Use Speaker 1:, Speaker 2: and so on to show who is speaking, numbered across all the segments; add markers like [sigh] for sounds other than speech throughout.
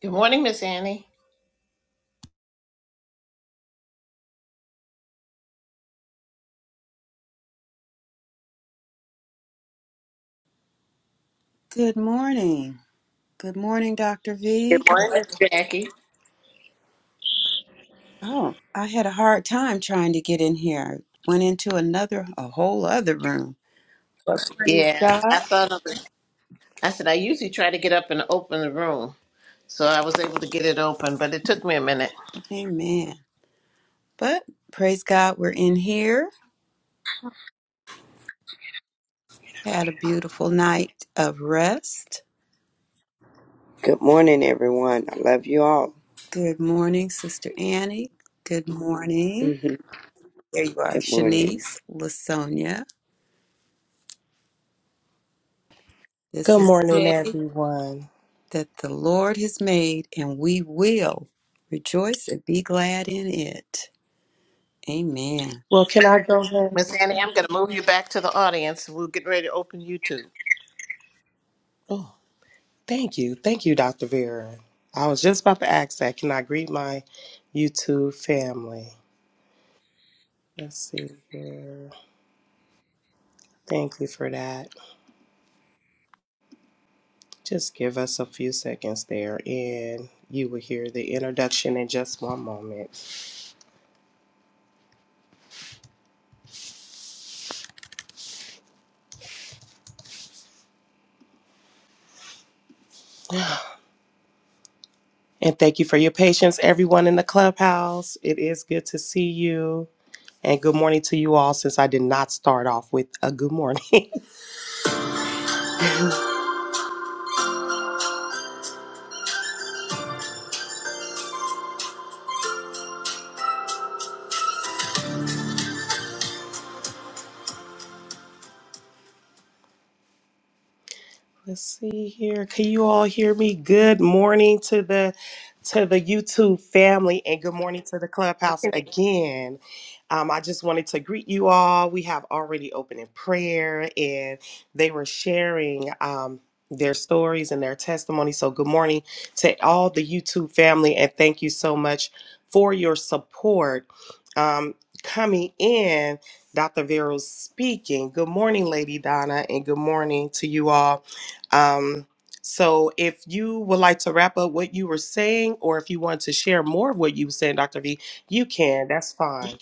Speaker 1: Good morning, Miss Annie.
Speaker 2: Good morning. Good morning, Dr. V.
Speaker 1: Good morning, Miss Jackie.
Speaker 2: Oh, I had a hard time trying to get in here. I went into another, a whole other room. But praise
Speaker 1: Yeah,
Speaker 2: God.
Speaker 1: I thought of it. I said I usually try to get up and open the room, so I was able to get it open, but it took me a minute.
Speaker 2: Amen. But praise God, we're in here. Had a beautiful night of rest.
Speaker 3: Good morning, everyone. I love you all.
Speaker 2: Good morning, Sister Annie. Good
Speaker 3: [laughs]
Speaker 2: morning.
Speaker 3: Good
Speaker 2: There you are,
Speaker 3: morning.
Speaker 2: Shanice, Lasonia. This
Speaker 4: Good
Speaker 2: is
Speaker 4: morning,
Speaker 2: the day
Speaker 4: everyone.
Speaker 2: that the Lord has made, and we will rejoice and be glad in it. Amen.
Speaker 4: Well, can I go ahead?
Speaker 1: Miss Annie, I'm going to move you back to the audience. We're getting ready to open YouTube.
Speaker 4: Oh, thank you. Thank you, Dr. Vera. I was just about to ask that. Can I greet my YouTube family? Let's see here. Thank you for that. Just give us a few seconds there, and you will hear the introduction in just one moment. And thank you for your patience, everyone in the clubhouse. It is good to see you. And good morning to you all, since I did not start off with a good morning. [laughs] Let's see here. Can you all hear me? Good morning to the to the YouTube family and good morning to the clubhouse again. Um, I just wanted to greet you all. We have already opened in prayer and they were sharing um, their stories and their testimony. So good morning to all the YouTube family and thank you so much for your support. Um, coming in, Dr. Vero's speaking. Good morning, Lady Donna, and good morning to you all. Um, so if you would like to wrap up what you were saying, or if you want to share more of what you were saying, Dr. V, you can. That's fine.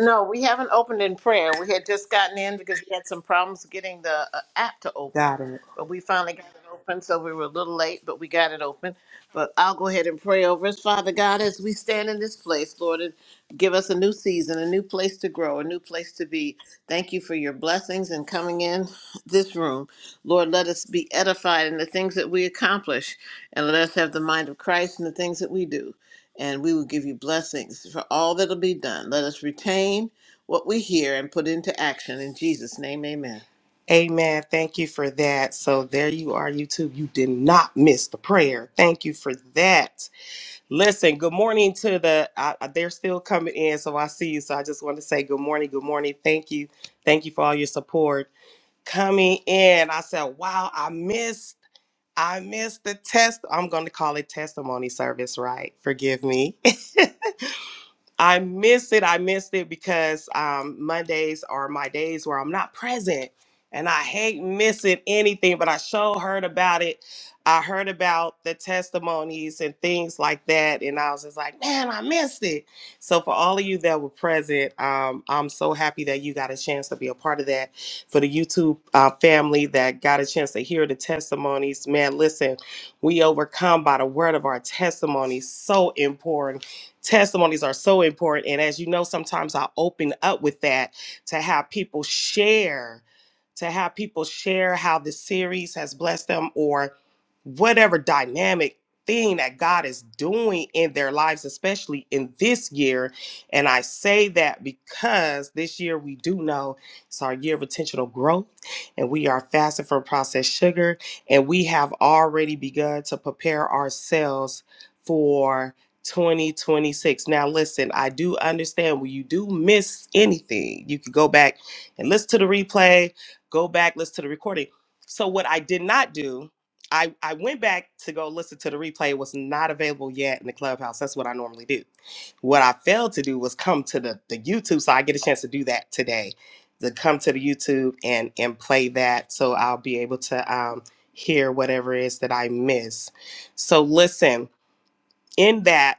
Speaker 1: No, we haven't opened in prayer. We had just gotten in because we had some problems getting the uh, app to open.
Speaker 4: Got it.
Speaker 1: But we finally got it open, so we were a little late, but we got it open. But I'll go ahead and pray over us. Father God, as we stand in this place, Lord, and give us a new season, a new place to grow, a new place to be. Thank you for your blessings and coming in this room. Lord, let us be edified in the things that we accomplish, and let us have the mind of Christ in the things that we do and we will give you blessings for all that'll be done. Let us retain what we hear and put into action. In Jesus' name, amen.
Speaker 4: Amen. Thank you for that. So there you are, YouTube. You did not miss the prayer. Thank you for that. Listen, good morning to the, I, I- they're still coming in. So I see you. So I just want to say good morning. Good morning. Thank you. Thank you for all your support coming in. I said, wow, I missed I missed the test. I'm going to call it testimony service, right? Forgive me. I miss it. I missed it because um, Mondays are my days where I'm not present and I hate missing anything, but I sure heard about it. I heard about the testimonies and things like that. And I was just like, man, I missed it. So, for all of you that were present, um, I'm so happy that you got a chance to be a part of that. For the YouTube uh, family that got a chance to hear the testimonies, man, listen, we overcome by the word of our testimony. So important testimonies are so important. And as you know, sometimes I open up with that to have people share, to have people share how this series has blessed them or whatever dynamic thing that God is doing in their lives, especially in this year. And I say that because this year we do know it's our year of intentional growth and we are fasting from processed sugar and we have already begun to prepare ourselves. For 2026. Now, listen, I do understand when you do miss anything, you could go back and listen to the replay, go back, listen to the recording. So, what I did not do, I, I went back to go listen to the replay. It was not available yet in the clubhouse. That's what I normally do. What I failed to do was come to the, the YouTube. So, I get a chance to do that today to come to the YouTube and, and play that. So, I'll be able to um, hear whatever it is that I miss. So, listen in that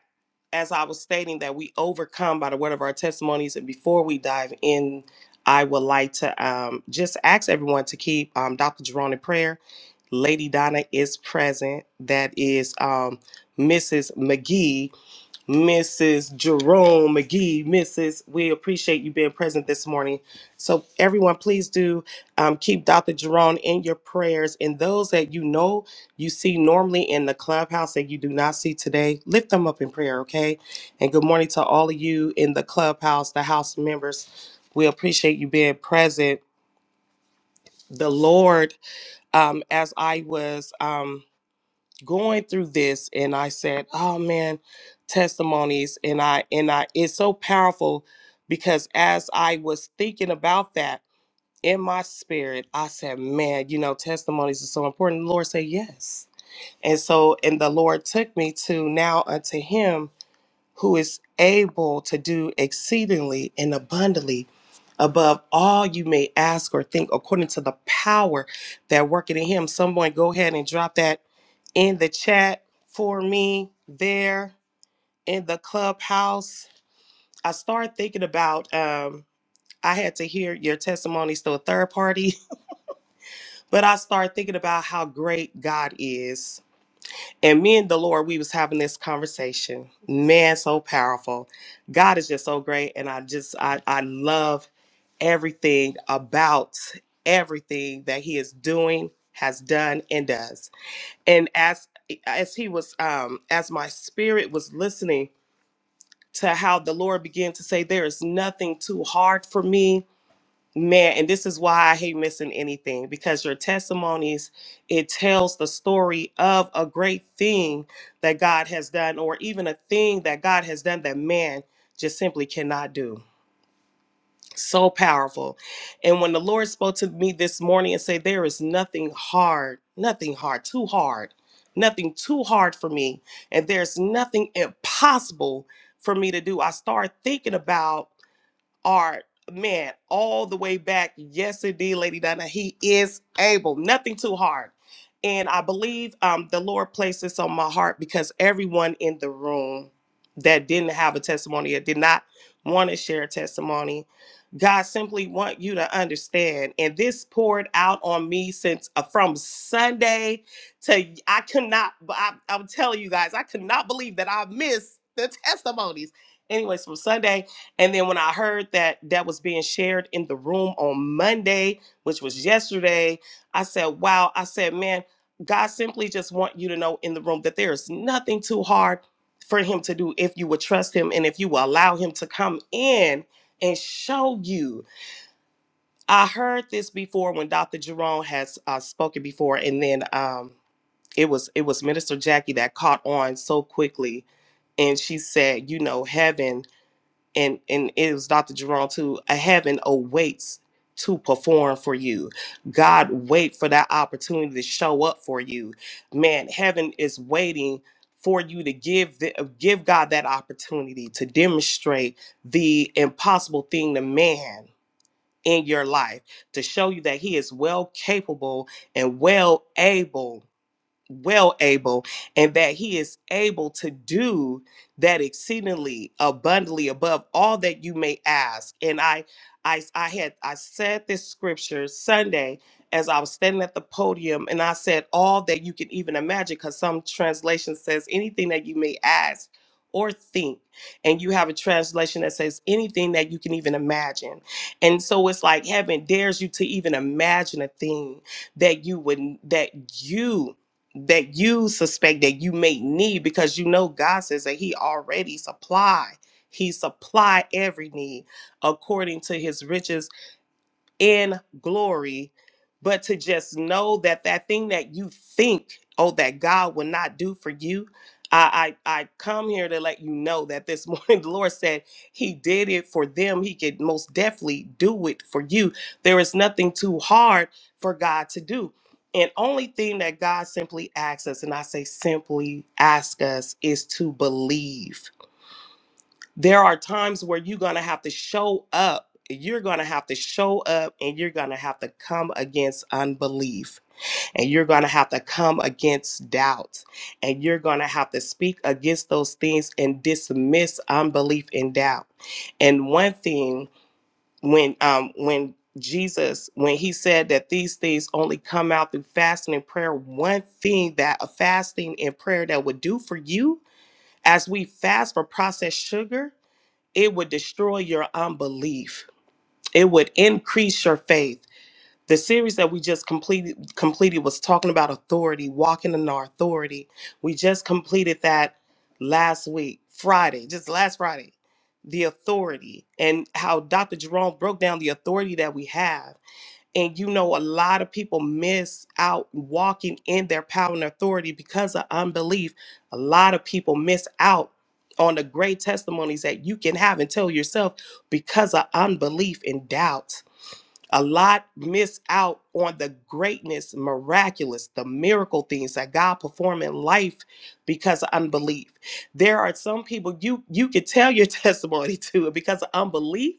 Speaker 4: as i was stating that we overcome by the word of our testimonies and before we dive in i would like to um, just ask everyone to keep um, dr jerome in prayer lady donna is present that is um, mrs mcgee Mrs. Jerome McGee, Mrs. We appreciate you being present this morning. So, everyone, please do um, keep Dr. Jerome in your prayers. And those that you know you see normally in the clubhouse that you do not see today, lift them up in prayer, okay? And good morning to all of you in the clubhouse, the house members. We appreciate you being present. The Lord, um, as I was. Um, going through this and I said, "Oh man, testimonies." And I and I it's so powerful because as I was thinking about that in my spirit, I said, "Man, you know, testimonies are so important." The Lord said, "Yes." And so and the Lord took me to now unto him who is able to do exceedingly and abundantly above all you may ask or think according to the power that working in him. Someone go ahead and drop that in the chat for me there in the clubhouse. I started thinking about um I had to hear your testimonies to a third party, [laughs] but I started thinking about how great God is. And me and the Lord, we was having this conversation. Man, so powerful. God is just so great. And I just I I love everything about everything that He is doing, has done, and does. and as eh, as he was um as my spirit was listening to how the lord began to say there is nothing too hard for me man and this is why i hate missing anything because your testimonies it tells the story of a great thing that god has done or even a thing that god has done that man just simply cannot do so powerful. And when the Lord spoke to me this morning and said, There is nothing hard, nothing hard, too hard, nothing too hard for me. And there's nothing impossible for me to do. I started thinking about art man all the way back. Yes, indeed, Lady Donna. He is able. Nothing too hard. And I believe um, the Lord placed this on my heart because everyone in the room that didn't have a testimony or did not want to share a testimony, God simply want you to understand. And this poured out on me since uh, from Sunday to I could not. I, I'm telling you guys, I could not believe that I missed the [laughs] testimonies. Anyways, from Sunday and then when I heard that that was being shared in the room on Monday, which was yesterday, I said, wow. I said, man, God simply just want you to know in the room that there is nothing too hard for him to do if you would trust him and if you will allow him to come in and show you. I heard this before when Dr. Jerome has uh, spoken before and then um it was it was Minister Jackie that caught on so quickly and she said, you know, heaven and and it was Dr. Jerome too. A heaven awaits to perform for you. God wait for that opportunity to show up for you. Man, heaven is waiting for you to give the, uh, give God that opportunity to demonstrate the impossible thing to man in your life to show you that he is well capable and well able well able and that he is able to do that exceedingly abundantly above all that you may ask and i i i had i said this scripture sunday as i was standing at the podium and i said all that you can even imagine because some translation says anything that you may ask or think and you have a translation that says anything that you can even imagine and so it's like heaven dares you to even imagine a thing that you would that you that you suspect that you may need because you know God says that he already supply. He supply every need according to his riches in glory, but to just know that that thing that you think, oh, that God will not do for you. I, I, I come here to let you know that this morning [laughs] the Lord said He did it for them. He could most definitely do it for you. There is nothing too hard for God to do. And only thing that God simply asks us, and I say simply ask us, is to believe there are times where you're going to have to show up. You're going to have to show up and you're going to have to come against unbelief and you're going to have to come against doubt and you're going to have to speak against those things and dismiss unbelief and doubt. And one thing when um when Jesus when he said that these things only come out through fasting and prayer, one thing that a fasting and prayer that would do for you as we fast for processed sugar it would destroy your unbelief it would increase your faith the series that we just completed completed was talking about authority walking in our authority we just completed that last week friday just last friday the authority and how dr jerome broke down the authority that we have and you know, a lot of people miss out walking in their power and authority because of unbelief. A lot of people miss out on the great testimonies that you can have and tell yourself because of unbelief and doubt a lot miss out on the greatness, miraculous, the miracle things that God perform in life because of unbelief. There are some people you you could tell your [laughs] testimony to, and because of unbelief,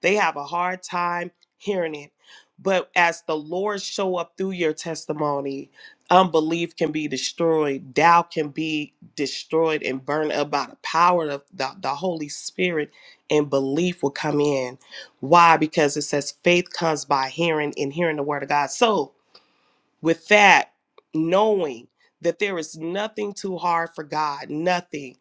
Speaker 4: they have a hard time hearing it. But as the Lord show up through your testimony, unbelief can be destroyed, doubt can be destroyed and burned up by the power of the, the Holy Spirit, and belief will come in. Why? Because it says faith comes by hearing and hearing the word of God. So, with that, knowing that there is nothing too hard for God, nothing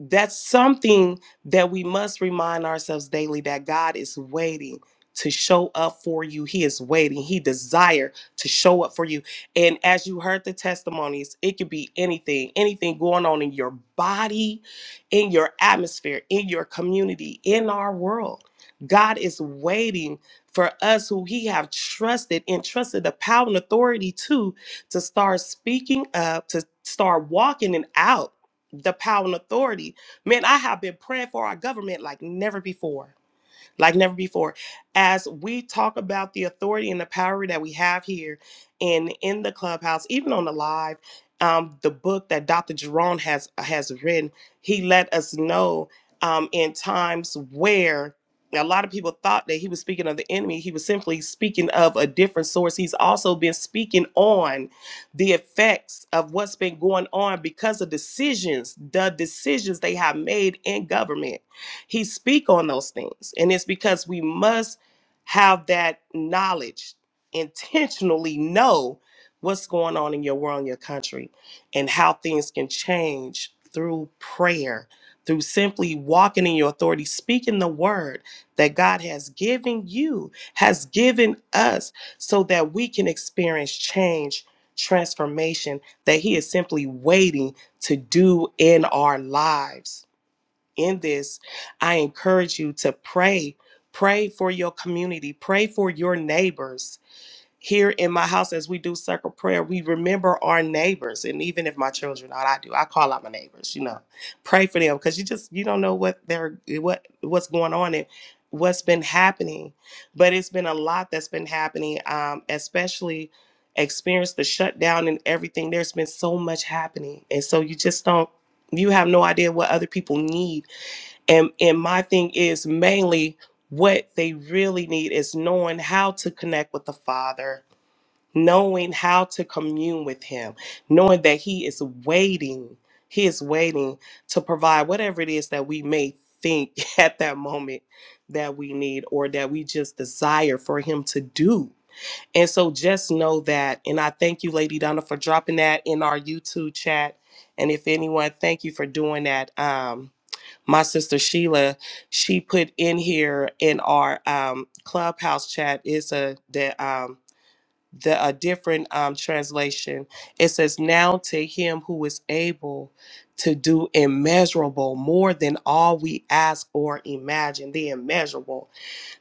Speaker 4: that's something that we must remind ourselves daily that God is waiting to show up for you. He is waiting. He desire to show up for you. And as you heard the testimonies, it could be anything, anything going on in your body, in your atmosphere, in your community, in our world. God is waiting for us who he have trusted and trusted the power and authority to to start speaking up, to start walking it out the power and authority. Man, I have been praying for our government like never before like never before. As we talk about the authority and the power that we have here and in the clubhouse, even on the live, um, the book that Dr. Jerome has has written, he let us know um, in times where a lot of people thought that he was speaking of the enemy. He was simply speaking of a different source. He's also been speaking on the effects of what's been going on because of decisions, the decisions they have made in government he speak on those things. And it's because we must have that knowledge, intentionally know what's going on in your world, in your country, and how things can change through prayer, through simply walking in your authority, speaking the word that God has given you, has given us, so that we can experience change, transformation that He is simply waiting to do in our lives in this, I encourage you to pray. Pray for your community, pray for your neighbors. Here in my house, as we do circle prayer, we remember our neighbors. And even if my children not, I do, I call out my neighbors, you know, pray for them because you just you don't know what they're what what's going on and what's been happening. But it's been a lot that's been happening, um, especially experience the shutdown and everything. There's been so much happening. And so you just don't you have no idea what other people need and and my thing is mainly what they really need is knowing how to connect with the father knowing how to commune with him knowing that he is waiting he is waiting to provide whatever it is that we may think [laughs] at that moment that we need or that we just desire for him to do and so just know that and i thank you lady donna for dropping that in our youtube chat and if anyone thank you for doing that um my sister Sheila, she put in here in our um, clubhouse chat is a the um, the a different um, translation. It says, "Now to Him who is able to do immeasurable more than all we ask or imagine, the immeasurable."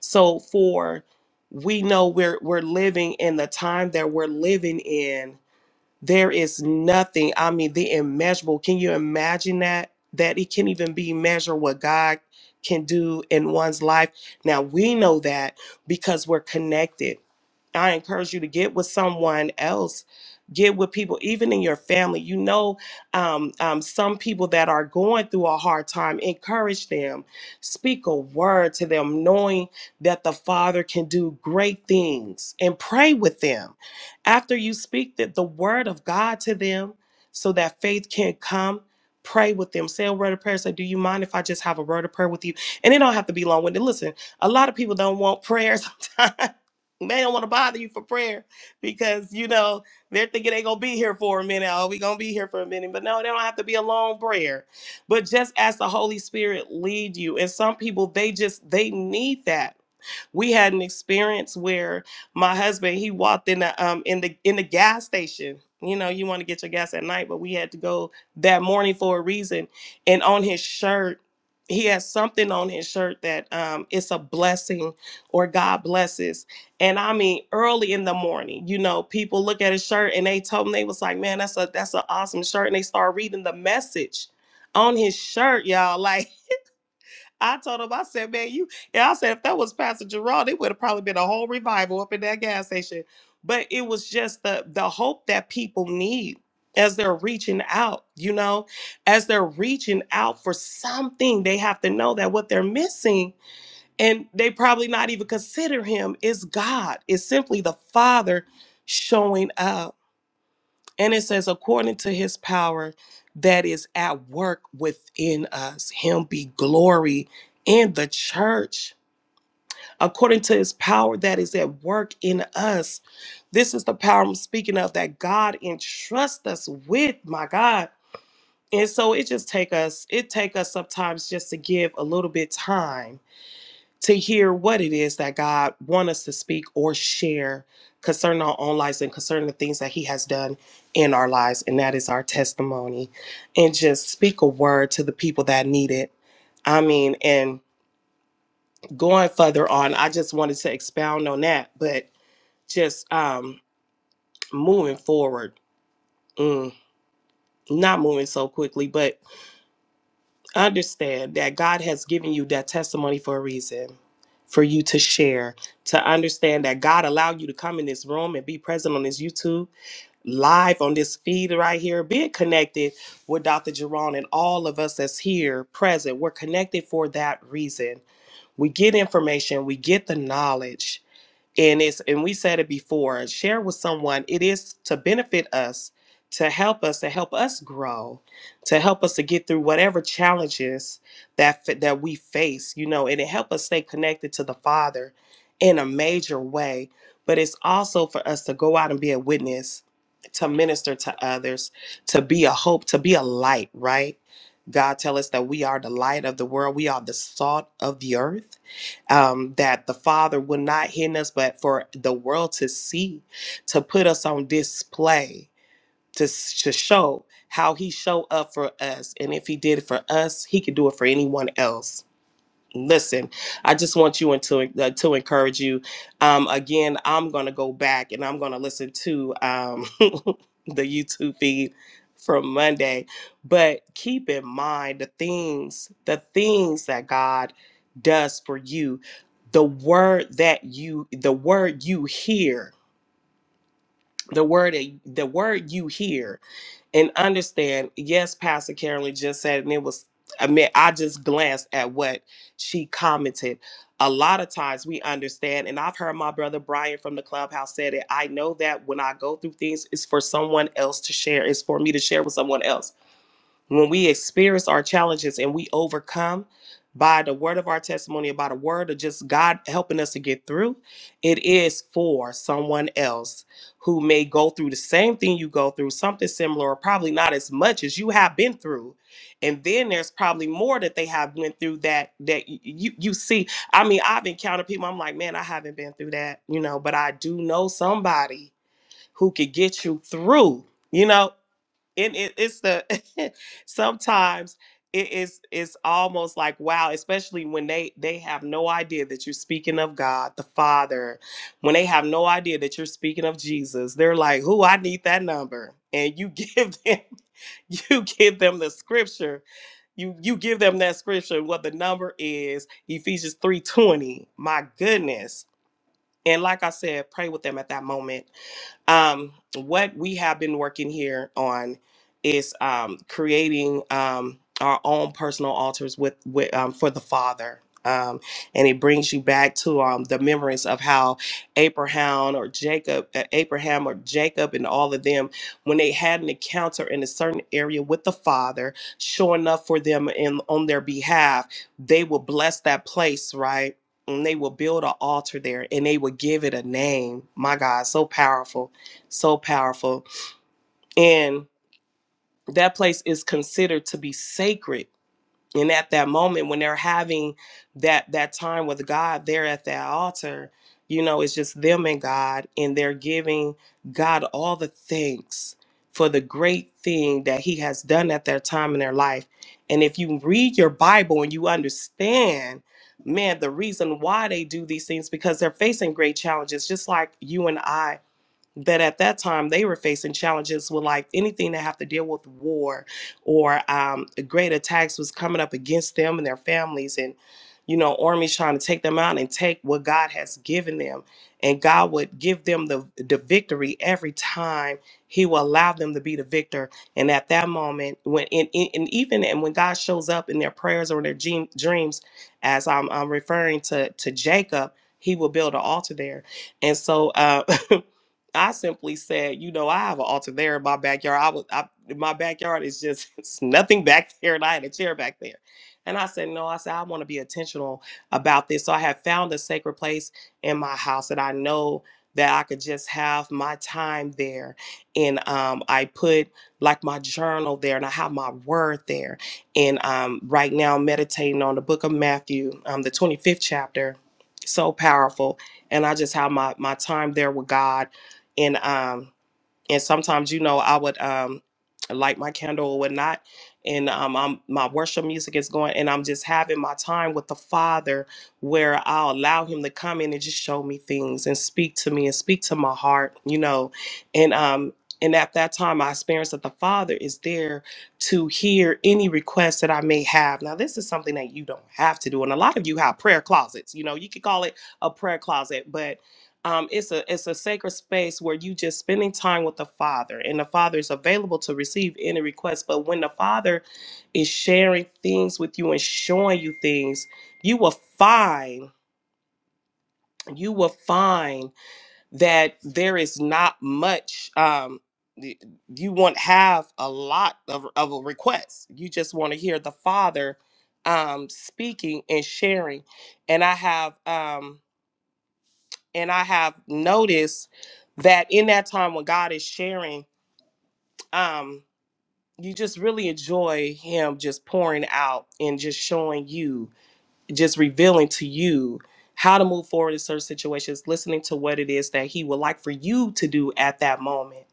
Speaker 4: So for we know we're we're living in the time that we're living in there is nothing, I mean, the immeasurable. Can you imagine that? That it can't even be measured what God can do in one's life. Now we know that because we're connected I encourage you to get with someone else, get with people, even in your family. You know, um, um, some people that are going through a hard time, encourage them, speak a word to them, knowing that the Father can do great things and pray with them. After you speak the, the word of God to them so that faith can come. Pray with them. Say a word of prayer. Say, do you mind if I just have a word of prayer with you? And it don't have to be long winded. Listen, a lot of people don't want prayer [laughs] sometimes they don't want to bother you for prayer because you know they're thinking they gonna be here for a minute. Oh, we gonna be here for a minute, but no, they don't have to be a long prayer. But just as the Holy Spirit lead you, and some people they just they need that. We had an experience where my husband he walked in the um in the in the gas station. You know, you want to get your gas at night, but we had to go that morning for a reason. And on his shirt, he has something on his shirt that um it's a blessing or God blesses. And I mean early in the morning, you know, people look at his shirt and they told him they was like, Man, that's a that's an awesome shirt. And they start reading the message on his shirt, y'all. [laughs] Like I told him, I said, man, you. And I said, if that was Pastor Gerard, it would have probably been a whole revival up in that gas station. But it was just the the hope that people need as they're reaching out. You know, as they're reaching out for something, they have to know that what they're missing, and they probably not even consider Him is God. It's simply the Father showing up. And it says, according to his power that is at work within us, him be glory in the church. According to his power that is at work in us. This is the power I'm speaking of that God entrusts us with, my God. And so it just take us, it take us sometimes just to give a little bit time to hear what it is that God want us to speak or share concerning our own lives and concerning the things that He has done in our lives, and that is our testimony. And just speak a word to the people that need it. I mean, and going further on, I just wanted to expound on that, but just um moving forward, mm, not moving so quickly, but. understand that God has given you that testimony for a reason, for you to share, to understand that God allowed you to come in this room and be present on this YouTube, live on this feed right here, being connected with Dr. Jerron and all of us that's here present. We're connected for that reason. We get information, we get the knowledge and it's and we said it before share with someone it is to benefit us to help us to help us grow to help us to get through whatever challenges that fa- that we face you know and it help us stay connected to the father in a major way but it's also for us to go out and be a witness to minister to others to be a hope to be a light right god tell us that we are the light of the world we are the salt of the earth um, that the Father would not hidden us, but for the world to see, to put us on display, to s- to show how He showed up for us, and if He did it for us, He could do it for anyone else listen i just want you and to uh, to encourage you um again i'm gonna go back and i'm gonna listen to um [laughs] the youtube feed from monday but keep in mind the things the things that god does for you the word that you the word you hear the word that- the word you hear and understand yes pastor carolyn just said and it was i mean i just glanced at what she commented a lot of times we understand and i've heard my brother brian from the clubhouse said it i know that when i go through things it's for someone else to share it's for me to share with someone else when we experience our challenges and we overcome by the word of our testimony, by the word of just God helping us to get through, it is for someone else who may go through the same thing you go through, something similar, or probably not as much as you have been through. And then there's probably more that they have went through that that y- you you see. I mean, I've encountered people. I'm like, man, I haven't been through that, you know, but I do know somebody who could get you through, you know and it, it's the [laughs] sometimes it is it's almost like wow especially when they they have no idea that you're speaking of god the father when they have no idea that you're speaking of jesus they're like who i need that number and you [laughs] give them you give them the scripture you you give them that scripture what the number is ephesians 3.20 my goodness and like i said pray with them at that moment um, what we have been working here on is um, creating um, our own personal altars with, with um, for the Father. Um, and it brings you back to um, the memories of how Abraham or Jacob, uh, Abraham or Jacob, and all of them, when they had an encounter in a certain area with the Father, sure enough for them and on their behalf, they will bless that place, right? And they will build an altar there, and they will give it a name. My God, so powerful so powerful. And that place is considered to be sacred. And at that moment when they're having that that time with God there at that altar, you know, it's just them and God and they're giving God all the thanks for the great thing that he has done at that time in their life. And if you read your Bible and you understand, man, the reason why they do these things because they're facing great challenges just like you and I but at that time, they were facing challenges with like anything that have to deal with war or um, great attacks was coming up against them and their families, and you know armies trying to take them out and take what God has given them, and God would give them the the victory every time. He will allow them to be the victor, and at that moment, when and, and and even and when God shows up in their prayers or in their dream, dreams, as I'm, I'm referring to to Jacob, he will build an altar there, and so. Uh, [laughs] I simply said, you know, I have an altar there in my backyard. I was, I, my backyard is just [laughs] it's nothing back there, and I had a chair back there. And I said, no, I said I want to be intentional about this. So I have found a sacred place in my house that I know that I could just have my time there, and um, I put like my journal there, and I have my word there. And um, right now, I'm meditating on the Book of Matthew, um, the 25th chapter, so powerful. And I just have my my time there with God and um and sometimes you know i would um light my candle or whatnot and um I'm, my worship music is going and i'm just having my time with the father where i'll allow him to come in and just show me things and speak to me and speak to my heart you know and um and at that time i experienced that the father is there to hear any request that i may have now this is something that you don't have to do and a lot of you have prayer closets you know you could call it a prayer closet but um, it's a it's a sacred space where you just spending time with the Father, and the Father is available to receive any request. But when the Father is sharing things with you and showing you things, you will find you will find that there is not much. Um, y- you won't have a lot of of a request. You just want to hear the Father um, speaking and sharing. And I have. Um, and I have noticed that in that time when God is sharing, um, you just really enjoy Him just pouring out and just showing you, just revealing to you how to move forward in certain situations, listening to what it is that He would like for you to do at that moment.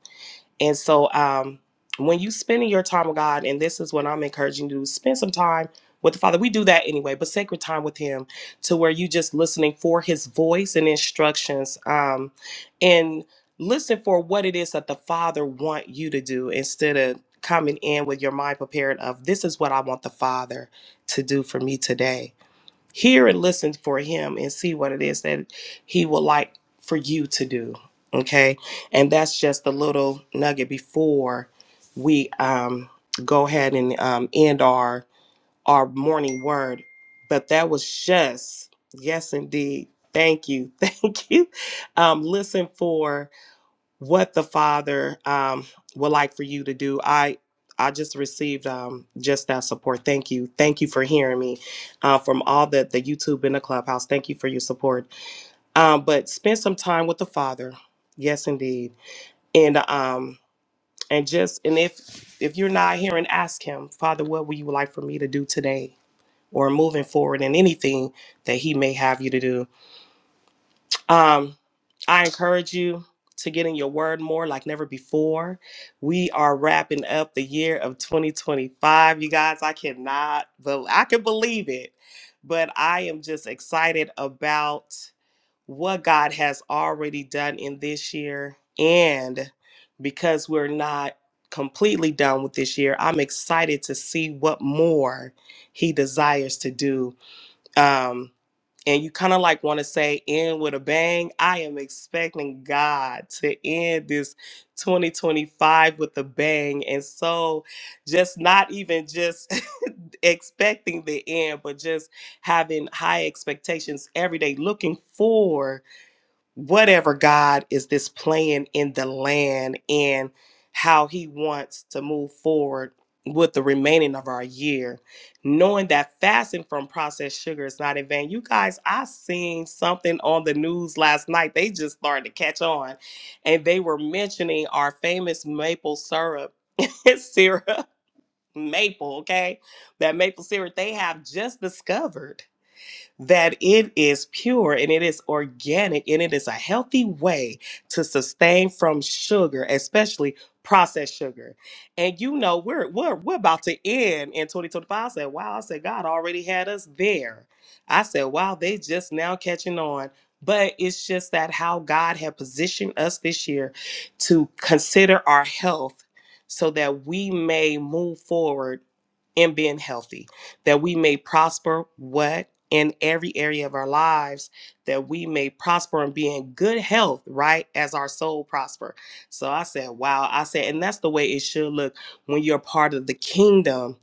Speaker 4: And so um, when you spending your time with God, and this is what I'm encouraging you to do, spend some time with the Father. We do that anyway, but sacred time with Him to where you just listening for His voice and instructions. Um, and listen for what it is that the Father want you to do instead of coming in with your mind prepared of this is what I want the Father to do for me today hear and listen for him and see what it is that he would like for you to do okay and that's just a little nugget before we um go ahead and um end our our morning word but that was just yes indeed thank you [laughs] thank you um listen for what the Father um, would like for you to do. I I just received um, just that support. Thank you, thank you for hearing me uh, from all the the YouTube and the clubhouse. Thank you for your support. Um, but spend some time with the Father. Yes, indeed, and um and just and if if you're not here and ask Him, Father, what would you like for me to do today or moving forward in anything that He may have you to do? Um, I encourage you to get in your word more like never before. We are wrapping up the year of 2025. You guys, I cannot, bel I can believe it, but I am just excited about what God has already done in this year. And because we're not completely done with this year, I'm excited to see what more He desires to do. Um, and you kind of like want to say end with a bang, I am expecting God to end this 2025 with a bang. And so, just not even just [laughs] expecting the end, but just having high expectations every day, looking forward whatever God is displaying in the land and how he wants to move forward with the remaining of our year, knowing that fasting from processed sugar is not in vain. You guys, I seen something on the news last night. They just started to catch on and they were mentioning our famous maple syrup. [laughs] syrup maple, okay? That maple syrup they have just discovered that it is pure and it is organic and it is a healthy way to sustain from sugar, especially processed sugar. And you know, we're we're we're about to end in 2025. I said, wow, I said God already had us there. I said, wow, they just now catching on. But it's just that how God had positioned us this year to consider our health so that we may move forward in being healthy, that we may prosper what? in every area of our lives that we may prosper and be in good health, right? As our soul prosper. So I said, wow. I said, and that's the way it should look when you're part of the kingdom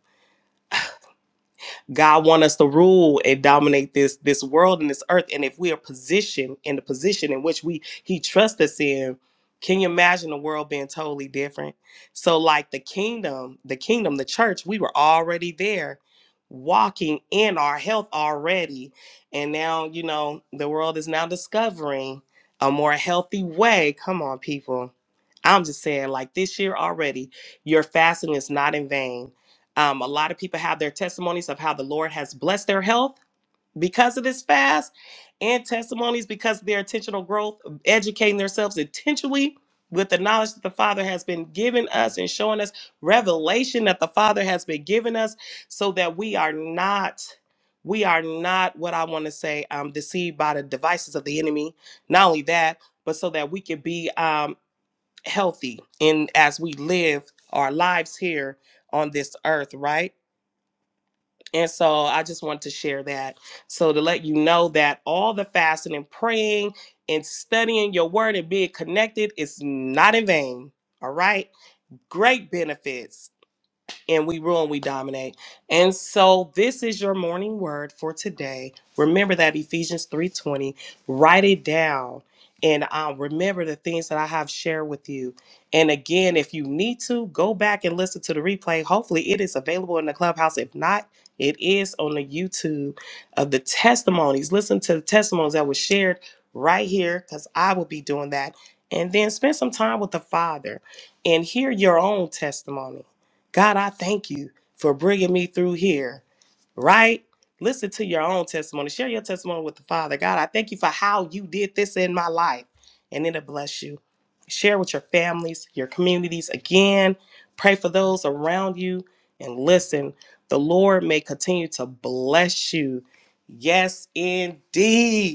Speaker 4: God wants us to rule and dominate this this world and this earth. And if we are positioned in the position in which we He trusts us in, can you imagine the world being totally different? So, like the kingdom, the kingdom, the church, we were already there, walking in our health already, and now you know the world is now discovering a more healthy way. Come on, people. I'm just saying, like this year already, your fasting is not in vain um, a lot of people have their testimonies of how the Lord has blessed their health because of this fast, and testimonies because of their intentional growth, um, educating themselves intentionally with the knowledge that the Father has been giving us and showing us revelation that the Father has been giving us so that we are not. We are not what I want to say, um, deceived by the devices of the enemy. Not only that, but so that we can be um, healthy in as we live our lives here on this earth, right? And so I just wanted to share that. So to let you know that all the fasting and praying and studying your word and being connected is not in vain. All right. Great benefits and we rule and we dominate. And so this is your morning word for today. Remember that Ephesians 3:20. Write it down and uh, remember the things that I have shared with you. And again, if you need to, go back and listen to the replay. Hopefully, it is available in the clubhouse. If not, it is on the YouTube of the testimonies. Listen to the testimonies that were shared right here because I will be doing that. And then spend some time with the Father and hear your own testimony. God, I thank you for bringing me through here, right? Listen to your own testimony. Share your testimony with the Father. God, I thank you for how you did this in my life, and it'll bless you. Share with your families, your communities again. Pray for those around you. And listen, the Lord may continue to bless you. Yes, indeed.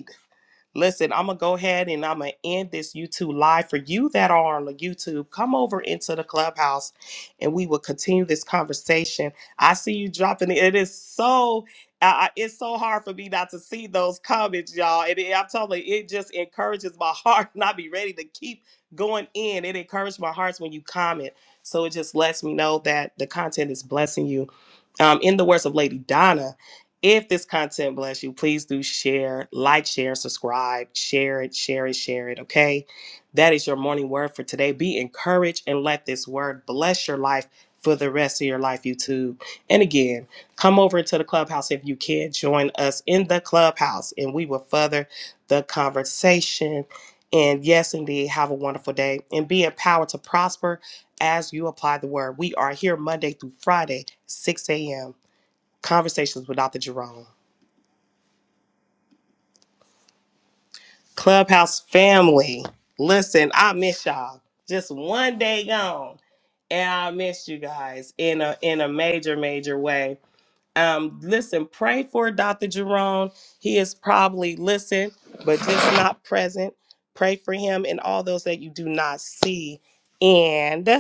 Speaker 4: Listen, I'm gonna go ahead and I'm gonna end this YouTube live for you that are on the YouTube. Come over into the clubhouse, and we will continue this conversation. I see you dropping it. It is so. I, I- it's so hard for me not to see those comments, y'all. And it, I'm telling you, it just encourages my heart, [laughs] and I be ready to keep going in. It encourages my heart when you comment, so it just lets me know that the content is blessing you um, in the words of Lady Donna, if this content bless you, please do share, like, share, subscribe, share it, share it, share it. Okay. That is your morning word for today. Be encouraged and let this word bless your life for the rest of your life, YouTube. And again, come over into the clubhouse if you can. Join us in the clubhouse and we will further the conversation. And yes, indeed, have a wonderful day and be empowered to prosper as you apply the word. We are here Monday through Friday, 6 a.m. Conversations with Dr. Jerome. Clubhouse family, listen, I miss y'all. Just one day gone, and I miss you guys in a in a major major way. Um, listen, pray for Dr. Jerome. He is probably listen, but just not present. Pray for him and all those that you do not see. And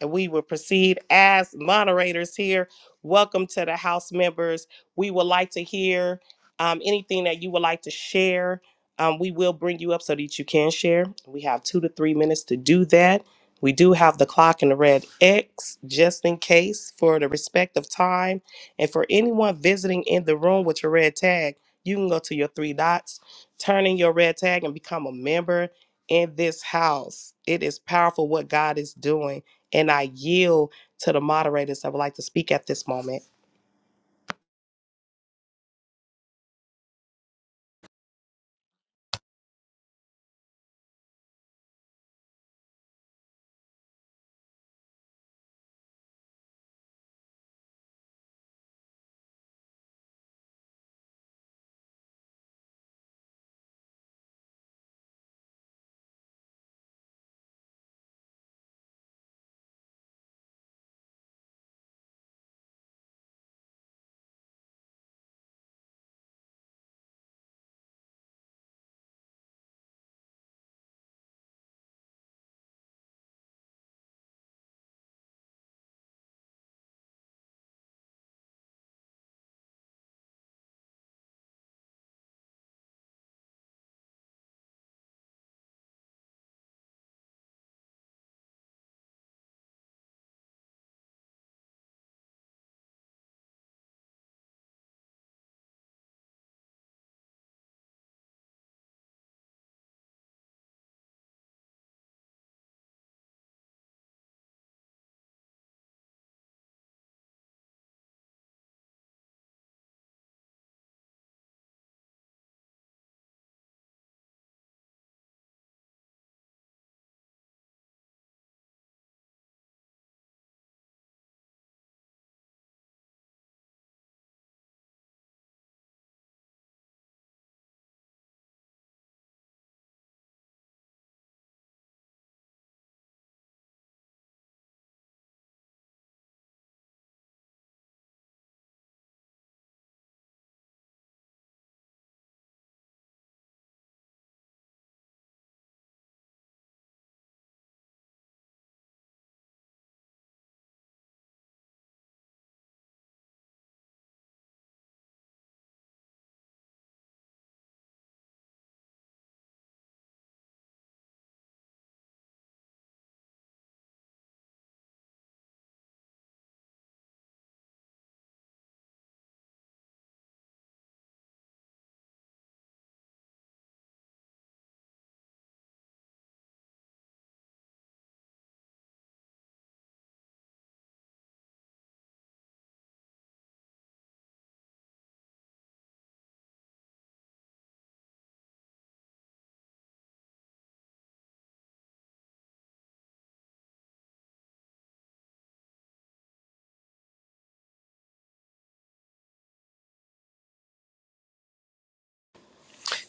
Speaker 4: and we will proceed as moderators here. Welcome to the House members. We would like to hear um, anything that you would like to share. Um, we will bring you up so that you can share. We have two to three minutes to do that. We do have the clock and the red X just in case for the respect of time. And for anyone visiting in the room with your red tag, you can go to your three dots, turn in your red tag, and become a member in this house. It is powerful what God is doing and I yield to the moderators that would like to speak at this moment.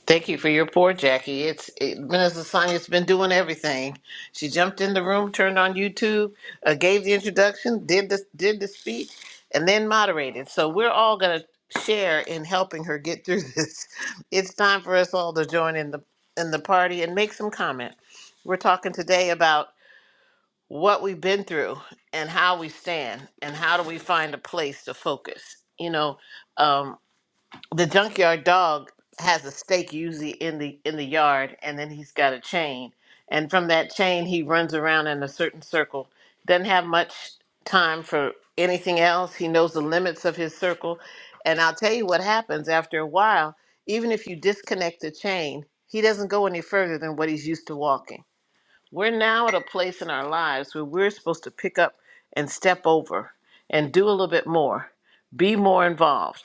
Speaker 1: Thank you for your pour, Jackie. It's it, Minister Sonia's been doing everything. She jumped in the room, turned on YouTube, uh, gave the introduction, did the did the speech, and then moderated. So we're all gonna share in helping her get through this. [laughs] It's time for us all to join in the in the party and make some comment. We're talking today about what we've been through and how we stand and how do we find a place to focus you know um, the junkyard dog has a stake usually in the in the yard and then he's got a chain and from that chain he runs around in a certain circle doesn't have much time for anything else he knows the limits of his circle and i'll tell you what happens after a while even if you disconnect the chain he doesn't go any further than what he's used to walking we're now at a place in our lives where we're supposed to pick up and step over and do a little bit more, be more involved,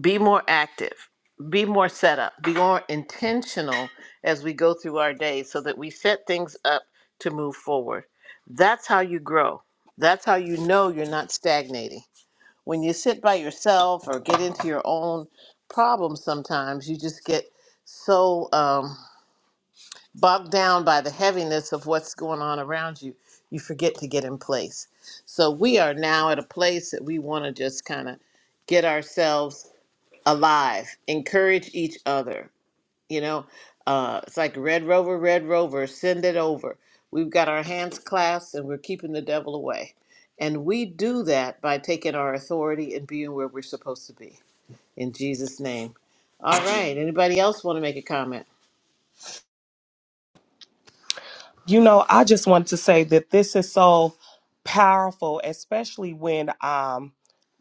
Speaker 1: be more active, be more set up, be more intentional as we go through our day so that we set things up to move forward. That's how you grow. That's how you know you're not stagnating. When you sit by yourself or get into your own problems, sometimes you just get so. Um, bogged down by the heaviness of what's going on around you, you forget to get in place. So we are now at a place that we want to just kind of get ourselves alive, encourage each other. You know, uh, it's like Red Rover, Red Rover, send it over. We've got our hands clasped and we're keeping the devil away. And we do that by taking our authority and being where we're supposed to be. In Jesus' name. All right. Anybody else want to make a comment?
Speaker 4: You know, I just want to say that this is so powerful, especially when um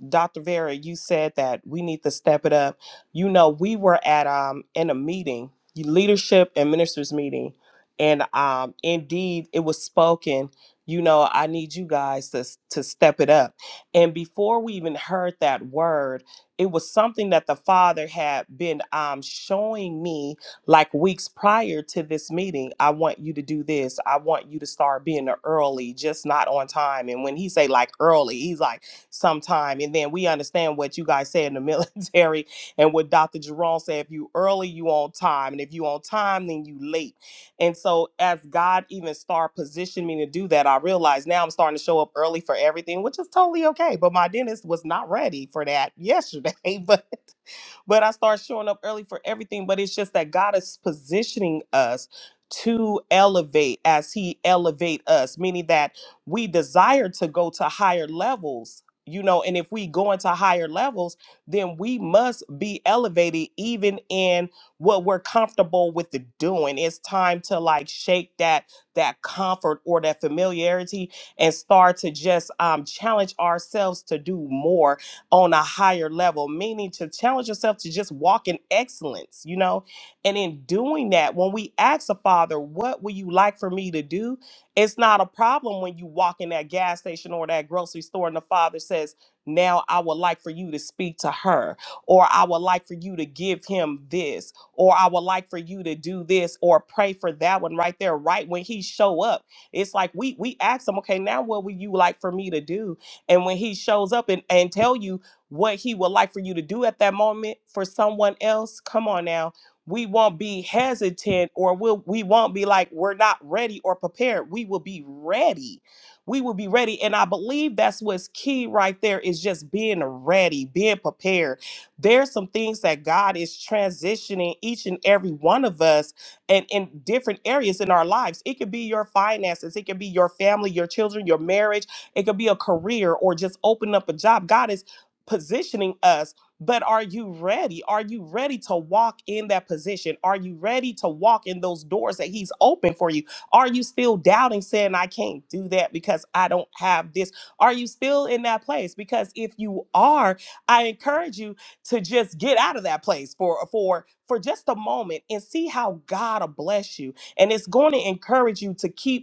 Speaker 4: Dr. Vera, you said that we need to step it up. You know, we were at um in a meeting, leadership and ministers meeting, and um indeed it was spoken, you know, I need you guys to s- to step it up. And before we even heard that word, it was something that the father had been um showing me like weeks prior to this meeting. I want you to do this. I want you to start being early, just not on time. And when he say like early, he's like sometime. And then we understand what you guys say in the [laughs] military and what Dr. Jerome said. If you early, you on time. And if you on time, then you late. And so as God even start positioning me to do that, I realize now I'm starting to show up early for everything, which is totally okay. But my dentist was not ready for that yesterday. [laughs] but but I start showing up early for everything. But it's just that God is positioning us to elevate as He elevate us, meaning that we desire to go to higher levels. You know, and if we go into higher levels, then we must be elevated even in what we're comfortable with the doing. It's time to like shake that that comfort or that familiarity and start to just um, challenge ourselves to do more on a higher level, meaning to challenge yourself to just walk in excellence, you know? And in doing that, when we ask the Father, what would you like for me to do? It's not a problem when you walk in that gas station or that grocery store and the Father says, now I would like for you to speak to her, or I would like for you to give him this, or I would like for you to do this, or pray for that one right there, right when he show up. It's like we we ask him, okay, now what would you like for me to do? And when he shows up and, and tell you what he would like for you to do at that moment for someone else, come on now. We won't be hesitant or we'll, we won't be like, we're not ready or prepared. We will be ready. We will be ready. And I believe that's what's key right there is just being ready, being prepared. There's some things that God is transitioning each and every one of us and in different areas in our lives. It could be your finances, it could be your family, your children, your marriage, it could be a career or just open up a job. God is positioning us, but are you ready? Are you ready to walk in that position? Are you ready to walk in those doors that He's opened for you? Are you still doubting, saying, I can't do that because I don't have this? Are you still in that place? Because if you are, I encourage you to just get out of that place for for for just a moment and see how God will bless you. And it's going to encourage you to keep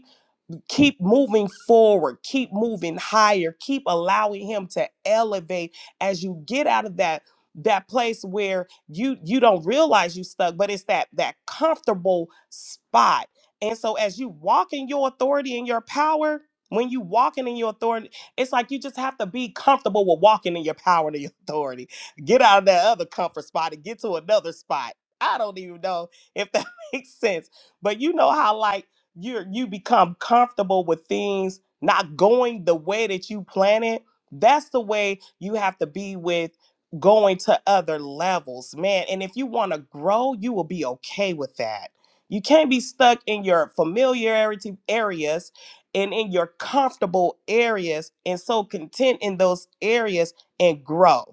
Speaker 4: keep moving forward, keep moving higher, keep allowing him to elevate as you get out of that that place where you you don't realize you stuck, but it's that that comfortable spot. And so as you walk in your authority and your power, when you walking in your authority, it's like you just have to be comfortable with walking in your power and your [laughs] authority. Get out of that other comfort spot and get to another spot. I don't even know if that [laughs] makes sense. But you know how like you you become comfortable with things not going the way that you plan it that's the way you have to be with going to other levels man and if you want to grow you will be okay with that you can't be stuck in your familiarity areas and in your comfortable areas and so content in those areas and grow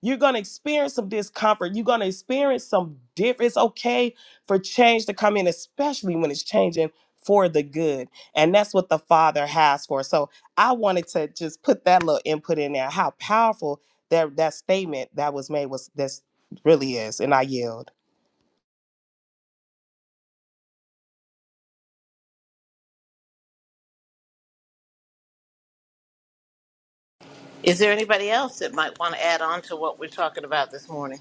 Speaker 4: you're going to experience some discomfort. You're going to experience some difference. It's okay for change to come in, especially when it's changing for the good. And that's what the Father has for. us. So I wanted to just put that little input in there, how powerful that, that statement that was made was this really is. And I yield.
Speaker 1: Is there anybody else that might want to add on to what we're talking about this morning?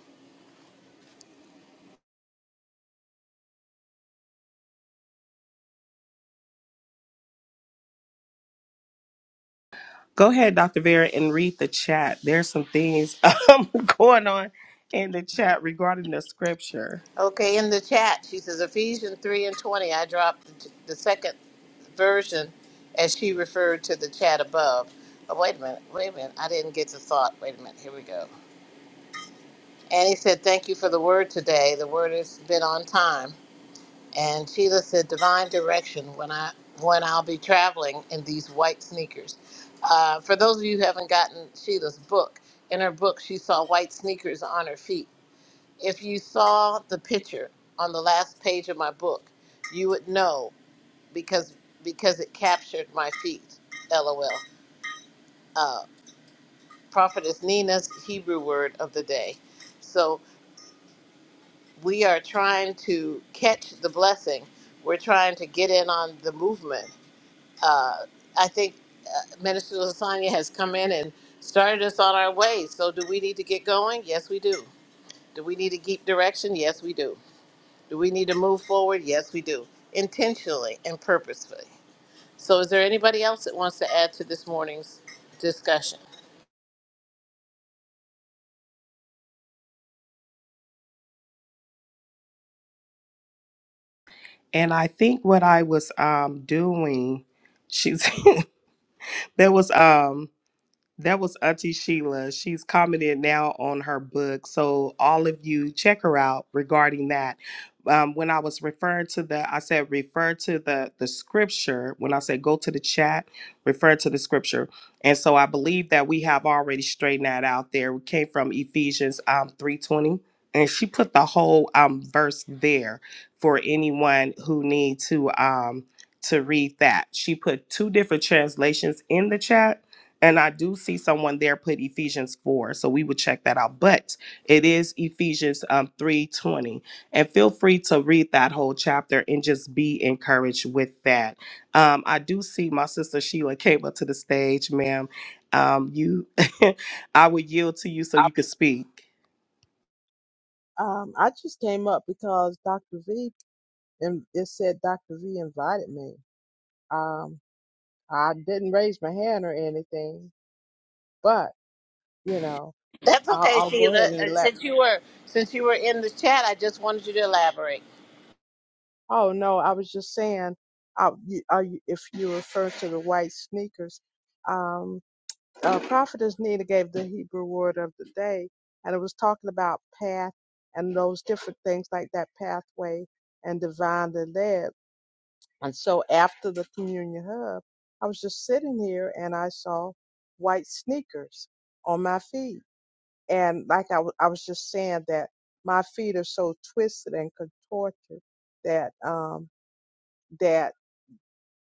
Speaker 4: Go ahead, Dr. Vera, and read the chat. There's some things [laughs] um, going on in the chat regarding the scripture.
Speaker 1: Okay, in the chat, she says Ephesians 3 and 20. I dropped the, the second version as she referred to the chat above. Oh, wait a minute, wait a minute. I didn't get the thought. Wait a minute, here we go. Annie said, Thank you for the word today. The word has been on time. And Sheila said, Divine direction when, I, when I'll be traveling in these white sneakers. Uh, for those of you who haven't gotten Sheila's book, in her book, she saw white sneakers on her feet If you saw the picture on the last page of my book, you would know because because it captured my feet. LOL. Uh, Prophetess Nina's Hebrew word of the day. So we are trying to catch the blessing. We're trying to get in on the movement. Uh, I think uh, Minister Lasagna has come in and started us on our way. So do we need to get going? Yes, we do. Do we need to keep direction? Yes, we do. Do we need to move forward? Yes, we do, intentionally and purposefully. So, is there anybody else that wants to add to this morning's discussion?
Speaker 4: And I think what I was um, doing, she's [laughs] There was um that was Auntie Sheila. She's commented now on her book. So, all of you, check her out regarding that. Um, when I was referring to the, I said refer to the the scripture. When I said go to the chat, refer to the scripture. And so I believe that we have already straightened that out. There, we came from Ephesians um three twenty, and she put the whole um verse there for anyone who need to um to read that. She put two different translations in the chat and I do see someone there put Ephesians 4. So we would check that out. But it is Ephesians um, 3.20. And feel free to read that whole chapter and just be encouraged with that. Um, I do see my sister Sheila came up to the stage, ma'am. Um, you [laughs] I would yield to you so you could speak.
Speaker 5: Um, I just came up because Dr. V and it said Dr. V invited me. Um, I didn't raise my hand or anything, but you know,
Speaker 1: That's
Speaker 5: I'll,
Speaker 1: okay,
Speaker 5: I'll go
Speaker 1: Sheila.
Speaker 5: ahead and
Speaker 1: And
Speaker 5: elect.
Speaker 1: Since you were since you were in the chat, I just wanted you to elaborate.
Speaker 5: Oh no, I was just saying, uh, you, are you, if you refer to the white sneakers, um, uh, Prophetess Nina gave the Hebrew word of the day, and it was talking about path and those different things like that pathway and divinely led. And so after the communion hub, I was just sitting here and I saw white sneakers on my feet. And like I w- I was just saying that my feet are so twisted and contorted that um, that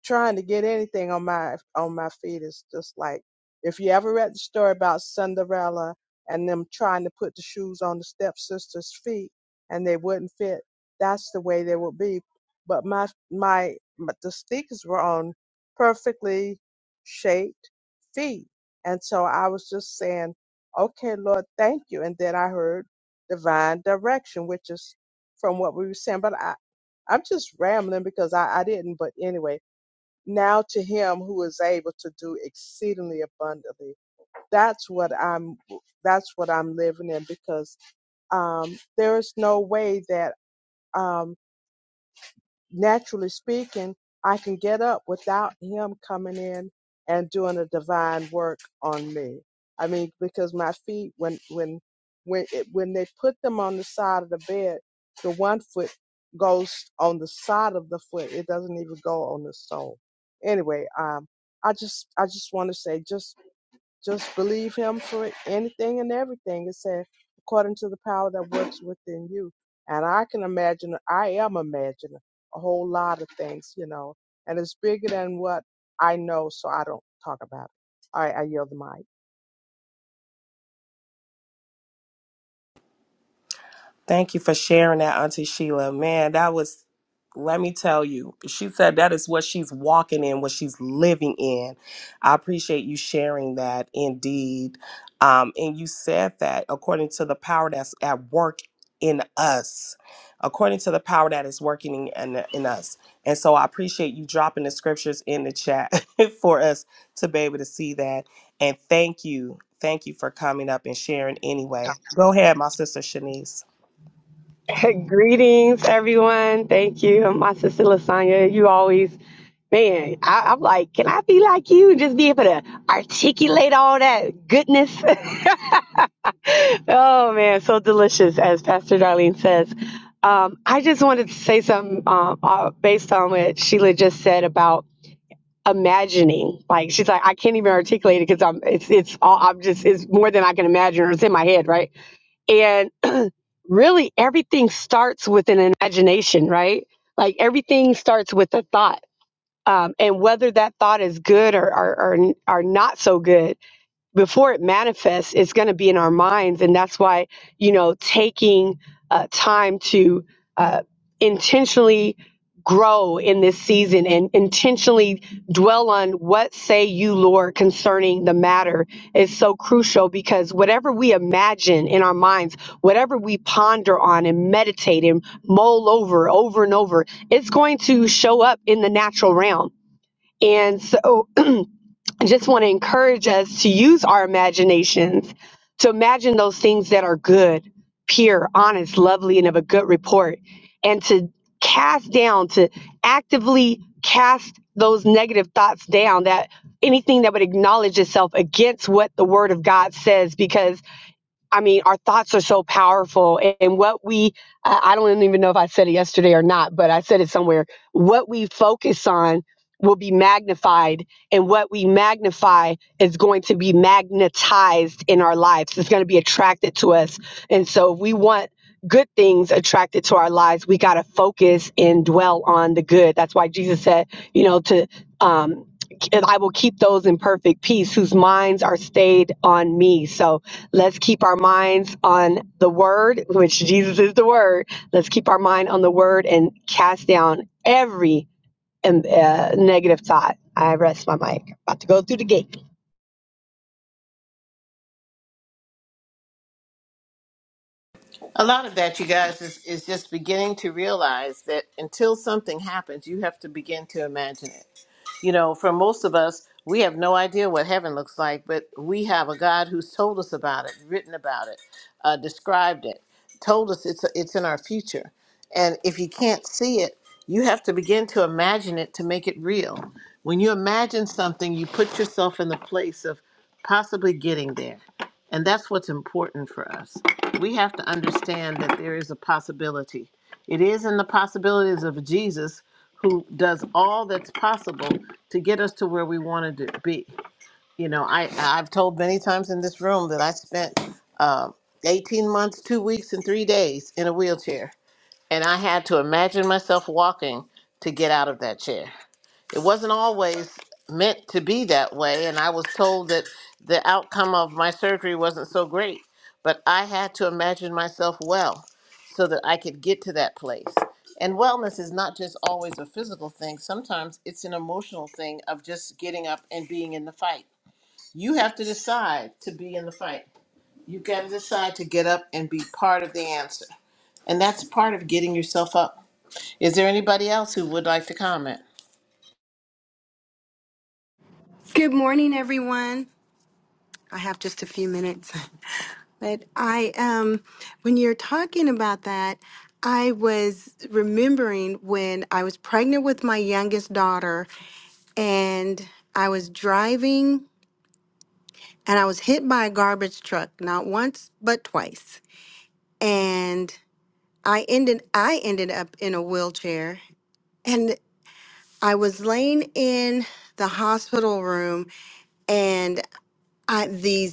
Speaker 5: trying to get anything on my on my feet is just like if you ever read the story about Cinderella and them trying to put the shoes on the stepsister's feet and they wouldn't fit, that's the way they would be. But my my, my the sneakers were on perfectly shaped feet. And so I was just saying, Okay, Lord, thank you. And then I heard divine direction, which is from what we were saying. But I I'm just rambling because I, I didn't, but anyway now to him who is able to do exceedingly abundantly that's what i'm that's what i'm living in because um there is no way that um naturally speaking, I can get up without him coming in and doing a divine work on me. I mean, because my feet, when when when it, when they put them on the side of the bed, the one foot goes on the side of the foot. It doesn't even go on the sole. Anyway, um, I just I just want to say just just believe him for anything and everything. It said, according to the power that works within you. And I can imagine, I am imagining a whole lot of things, you know, and it's bigger than what I know, so I don't talk about it. All right, I yield the mic.
Speaker 4: Thank you for sharing that, Auntie Sheila. Man, that was, let me tell you, she said that is what she's walking in, what she's living in. I appreciate you sharing that indeed. Um, and you said that according to the power that's at work in us, according to the power that is working in, in, in us. And so I appreciate you dropping the scriptures in the chat [laughs] for us to be able to see that. And thank you. Thank you for coming up and sharing anyway. Go ahead, my sister Shanice.
Speaker 6: [laughs] Greetings, everyone. Thank you. My sister Lasagna, you always, man, I, I'm like, can I be like you? Just be able to articulate all that goodness. [laughs] oh, man, so delicious, as Pastor Darlene says. Um, I just wanted to say something um, uh, based on what Sheila just said about imagining. Like she's like, I can't even articulate it because I'm it's it's all I'm just it's more than I can imagine or it's in my head, right? really everything starts with an imagination, right? Like everything starts with a thought. Um, and whether that thought is good or, or, or, or not so good, before it manifests, it's going to be in our minds. And that's why, you know, taking uh, time to uh, intentionally grow in this season and intentionally dwell on what say you, Lord, concerning the matter is so crucial because whatever we imagine in our minds, whatever we ponder on and meditate and mull over, over and over, it's going to show up in the natural realm. And so I just want to encourage us to use our imaginations to imagine those things that are good, pure, honest, lovely, and of a good report, and to cast down, to actively cast those negative thoughts down that anything that would acknowledge itself against what the word of God says, because I mean, our thoughts are so powerful. And what we, I I don't even know if I said it yesterday or not, but I said it somewhere. What we focus on will be magnified, and what we magnify is going to be magnetized in our lives. It's going to be attracted to us. And so, if we want good things attracted to our lives, we got to focus and dwell on the good. That's why Jesus said, you know, to, um, and I will keep those in perfect peace whose minds are stayed on me. So, Let's keep our minds on the word, which Jesus is the word. Let's keep our mind on the word and cast down every um, uh, negative thought. I rest my mic. About to go through the gate.
Speaker 1: A lot of that, you guys, is, is just beginning to realize that until something happens, you have to begin to imagine it. you know, for most of us, we have no idea what heaven looks like, but we have a God who's told us about it, written about it, uh, described it, told us it's it's in our future. And if you can't see it, you have to begin to imagine it to make it real. When you imagine something, you put yourself in the place of possibly getting there. And that's what's important for us. We have to understand that there is a possibility. It is in the possibilities of Jesus who does all that's possible to get us to where we wanted to be. You know, I I've told many times in this room that I spent um 18 months, two weeks, and three days in a wheelchair, and I had to imagine myself walking to get out of that chair it wasn't always meant to be that way and i was told that the outcome of my surgery wasn't so great but i had to imagine myself well so that i could get to that place and wellness is not just always a physical thing sometimes it's an emotional thing of just getting up and being in the fight you have to decide to be in the fight you got to decide to get up and be part of the answer and that's part of getting yourself up is there anybody else who would like to comment
Speaker 7: Good morning, everyone. I have just a few minutes, [laughs] but I um, when you're talking about that, I was remembering when I was pregnant with my youngest daughter, and I was driving, and I was hit by a garbage truck not once but twice, and I ended I ended up in a wheelchair, and I was laying in the hospital room, and I, these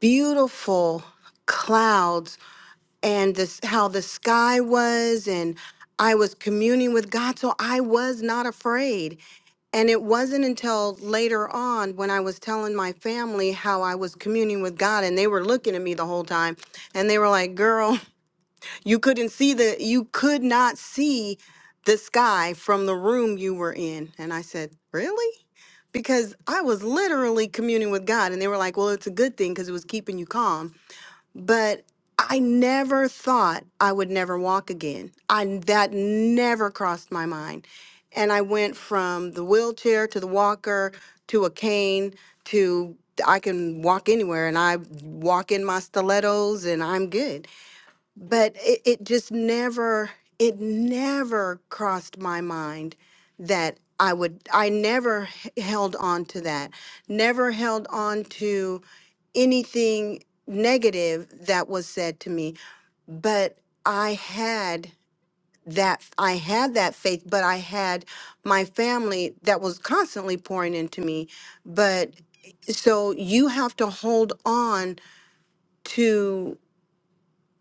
Speaker 7: beautiful clouds and this how the sky was and I was communing with God so I was not afraid and it wasn't until later on when I was telling my family how I was communing with God and they were looking at me the whole time and they were like girl [laughs] you couldn't see the you could not see the sky from the room you were in and I said really because I was literally communing with God and they were like well it's a good thing cuz it was keeping you calm but I never thought I would never walk again. I that never crossed my mind. And I went from the wheelchair to the walker to a cane to I can walk anywhere and I walk in my stilettos and I'm good. But it, it just never it never crossed my mind that I would I never h- held on to that. Never held on to anything negative that was said to me but i had that i had that faith but i had my family that was constantly pouring into me but eh, so you have to hold on to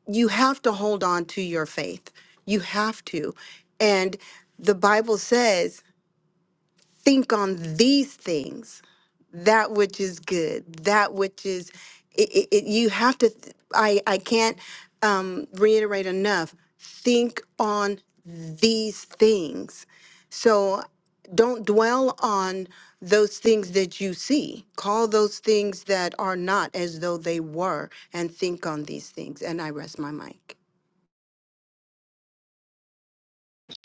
Speaker 7: you have to hold on to your faith you have to and the bible says think on these things that which is good that which is it, it, it- you have to th- i i can't um reiterate enough think on these things so don't dwell on those things that you see call those things that are not as though they were and think on these things and i rest my mic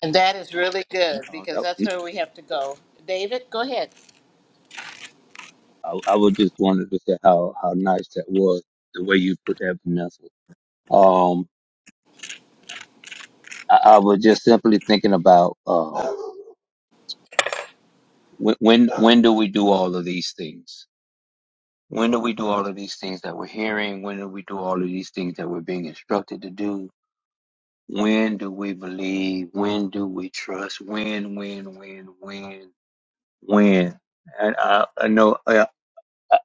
Speaker 1: And that is really good
Speaker 8: Oh,
Speaker 1: because
Speaker 8: that
Speaker 1: that's
Speaker 8: was,
Speaker 1: where we have to go. David, go ahead.
Speaker 8: I, I was just wanted to say how, how nice that was, the way you put that, Vanessa. Um, I, I was just simply thinking about uh, when, when when do we do all of these things? When do we do all of these things that we're hearing? When do we do all of these things that we're being instructed to do? When do we believe? When do we trust? When, when, when, when, when? And I, I know I,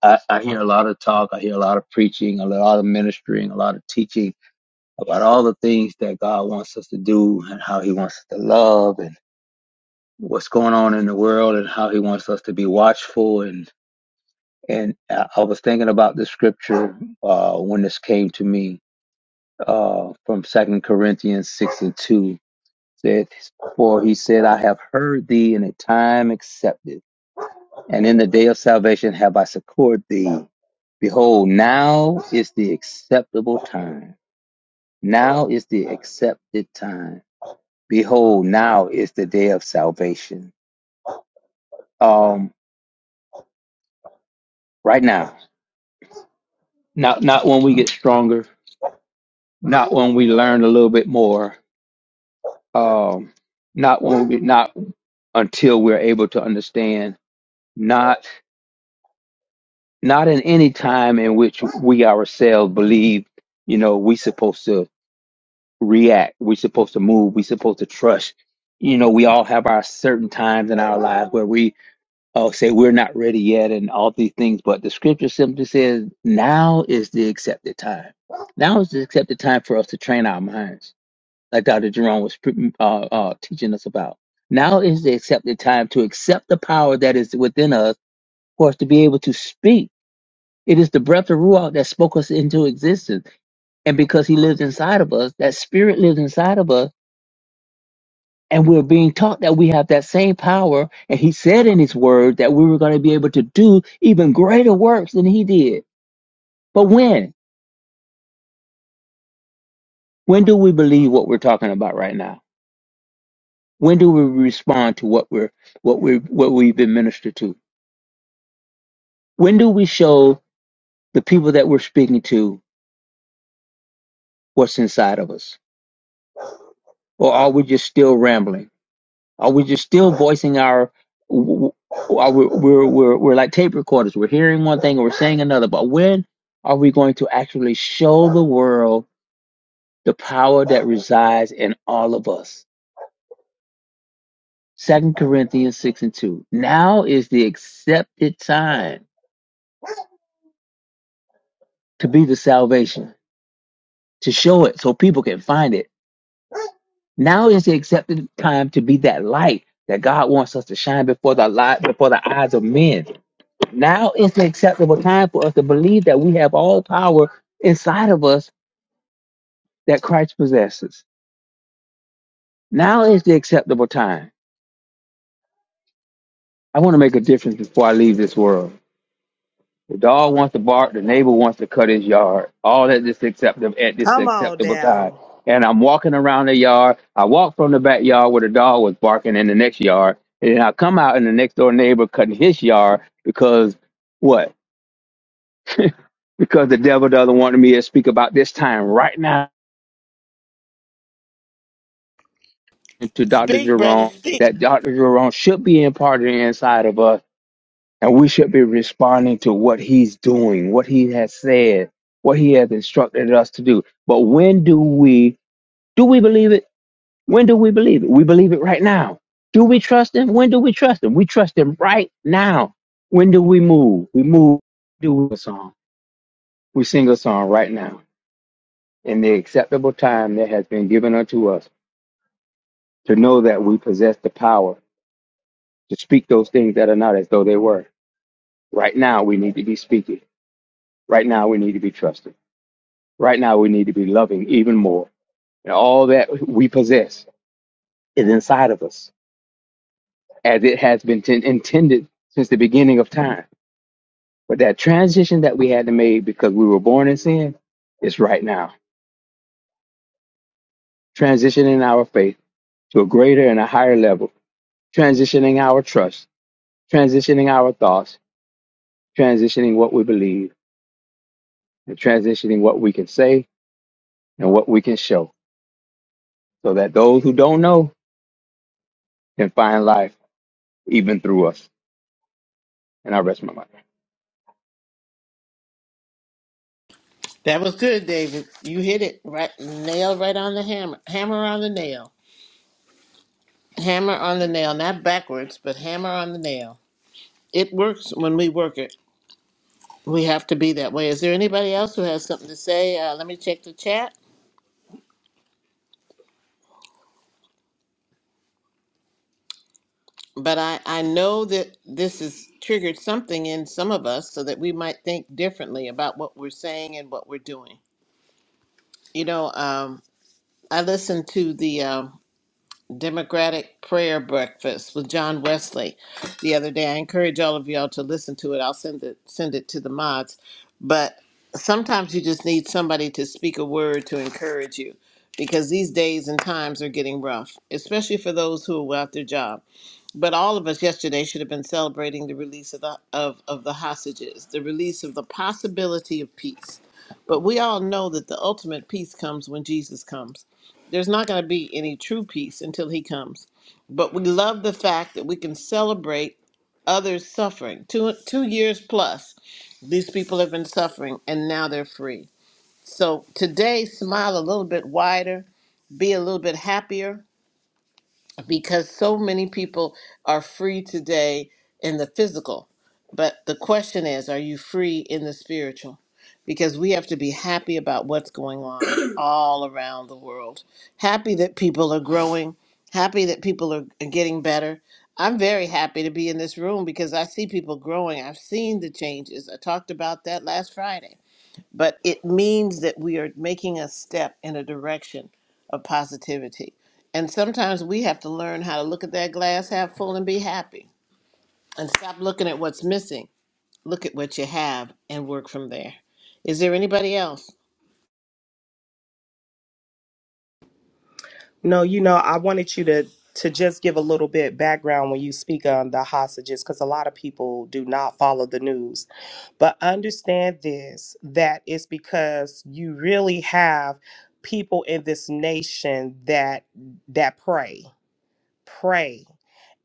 Speaker 8: I, I hear a lot of talk. I hear a lot of preaching, a lot of ministering, a lot of teaching about all the things that God wants us to do and how He wants us to love and what's going on in the world and how He wants us to be watchful. And and I I was thinking about the scripture uh, when this came to me uh, from Second Corinthians six and two. That for he said, I have heard thee in a time accepted, and in the day of salvation have I succored thee. Behold, now is the acceptable time. Now is the accepted time. Behold, now is the day of salvation. Um, right now. Not not when we get stronger, not when we learn a little bit more, um, not when we not until we're able to understand, not not in any time in which we ourselves believe, you know, we supposed to react, we supposed to move, we supposed to trust. You know, we all have our certain times in our lives where we oh, say we're not ready yet and all these things, but the scripture simply says now is the accepted time. Now is the accepted time for us to train our minds, like Dr. Jerome was pre- uh, uh, teaching us about. Now is the accepted time to accept the power that is within us for us to be able to speak. It is the breath of Ruach that spoke us into existence. And because he lives inside of us, that spirit lives inside of us and we're being taught that we have that same power. And he said in his word that we were going to be able to do even greater works than he did. But when? When do we believe what we're talking about right now? When do we respond to what we're what we what we've been ministered to? When do we show the people that we're speaking to what's inside of us? Or are we just still rambling? Are we just still voicing our? Are we, we're we're we're like tape recorders. We're hearing one thing and we're saying another. But when are we going to actually show the world the power that resides in all of us? Second Corinthians six and two. Now is the accepted time to be the salvation to show it so people can find it. Now is the accepted time to be that light that God wants us to shine before the light before the eyes of men. Now is the acceptable time for us to believe that we have all power inside of us that Christ possesses. Now is the acceptable time. I want to make a difference before I leave this world. The dog wants to bark, the neighbor wants to cut his yard. All at this acceptable at this
Speaker 4: Come on
Speaker 8: acceptable time.
Speaker 4: now.
Speaker 8: And I'm walking around the yard. I walk from the backyard where the dog was barking in the next yard. And then I come out in the next door neighbor cutting his yard because what? [laughs] because the devil doesn't want me to speak about this time right now. to Dr.
Speaker 1: Speak, brother,
Speaker 8: Jerome
Speaker 1: speak.
Speaker 8: that Dr. Jerome should be imparted inside of us, and we should be responding to what he's doing, what he has said, what he has instructed us to do. But when do we do we believe it? When do we believe it? We believe it right now. Do we trust him? When do we trust him? We trust him right now. When do we move? We move. Do a song. We sing a song right now in the acceptable time that has been given unto us to know that we possess the power to speak those things that are not as though they were. Right now, we need to be speaking. Right now, we need to be trusting. Right now, we need to be loving even more. And all that we possess is inside of us, as it has been ten- intended since the beginning of time. But that transition that we had to make because we were born in sin is right now. Transitioning our faith to a greater and a higher level, transitioning our trust, transitioning our thoughts, transitioning what we believe, and transitioning what we can say and what we can show so that those who don't know can find life even through us. And I rest my mind.
Speaker 1: That was good, David. You hit it right, nail right on the hammer, hammer on the nail, hammer on the nail, not backwards, but hammer on the nail. It works when we work it. We have to be that way. Is there anybody else who has something to say? Uh, let me check the chat. But I, I know that this has triggered something in some of us so that we might think differently about what we're saying and what we're doing. You know, um. I listened to the um, Democratic Prayer Breakfast with John Wesley the other day. I encourage all of y'all to listen to it. I'll send it send it to the mods. But sometimes you just need somebody to speak a word to encourage you because these days and times are getting rough, especially for those who are without their jobs. But all of us yesterday should have been celebrating the release of the of, of the hostages, the release of the possibility of peace. But we all know that the ultimate peace comes when Jesus comes. There's not going to be any true peace until he comes. But we love the fact that we can celebrate others suffering. Two two years plus, these people have been suffering and now they're free. So today smile a little bit wider, be a little bit happier, because so many people are free today in the physical. But the question is, are you free in the spiritual? Because we have to be happy about what's going on [clears throat] all around the world. Happy that people are growing, happy that people are are getting better. I'm very happy to be in this room because I see people growing. I've seen the changes. I talked about that last Friday but it means that we are making a step in a direction of positivity. And sometimes we have to learn how to look at that glass half full and be happy and stop looking at what's missing. Look at what you have and work from there. Is there anybody else?
Speaker 4: No, you know, I wanted you to to just give a little bit background when you speak on the hostages because a lot of people do not follow the news. But understand this that it's because you really have people in this nation that that pray. pray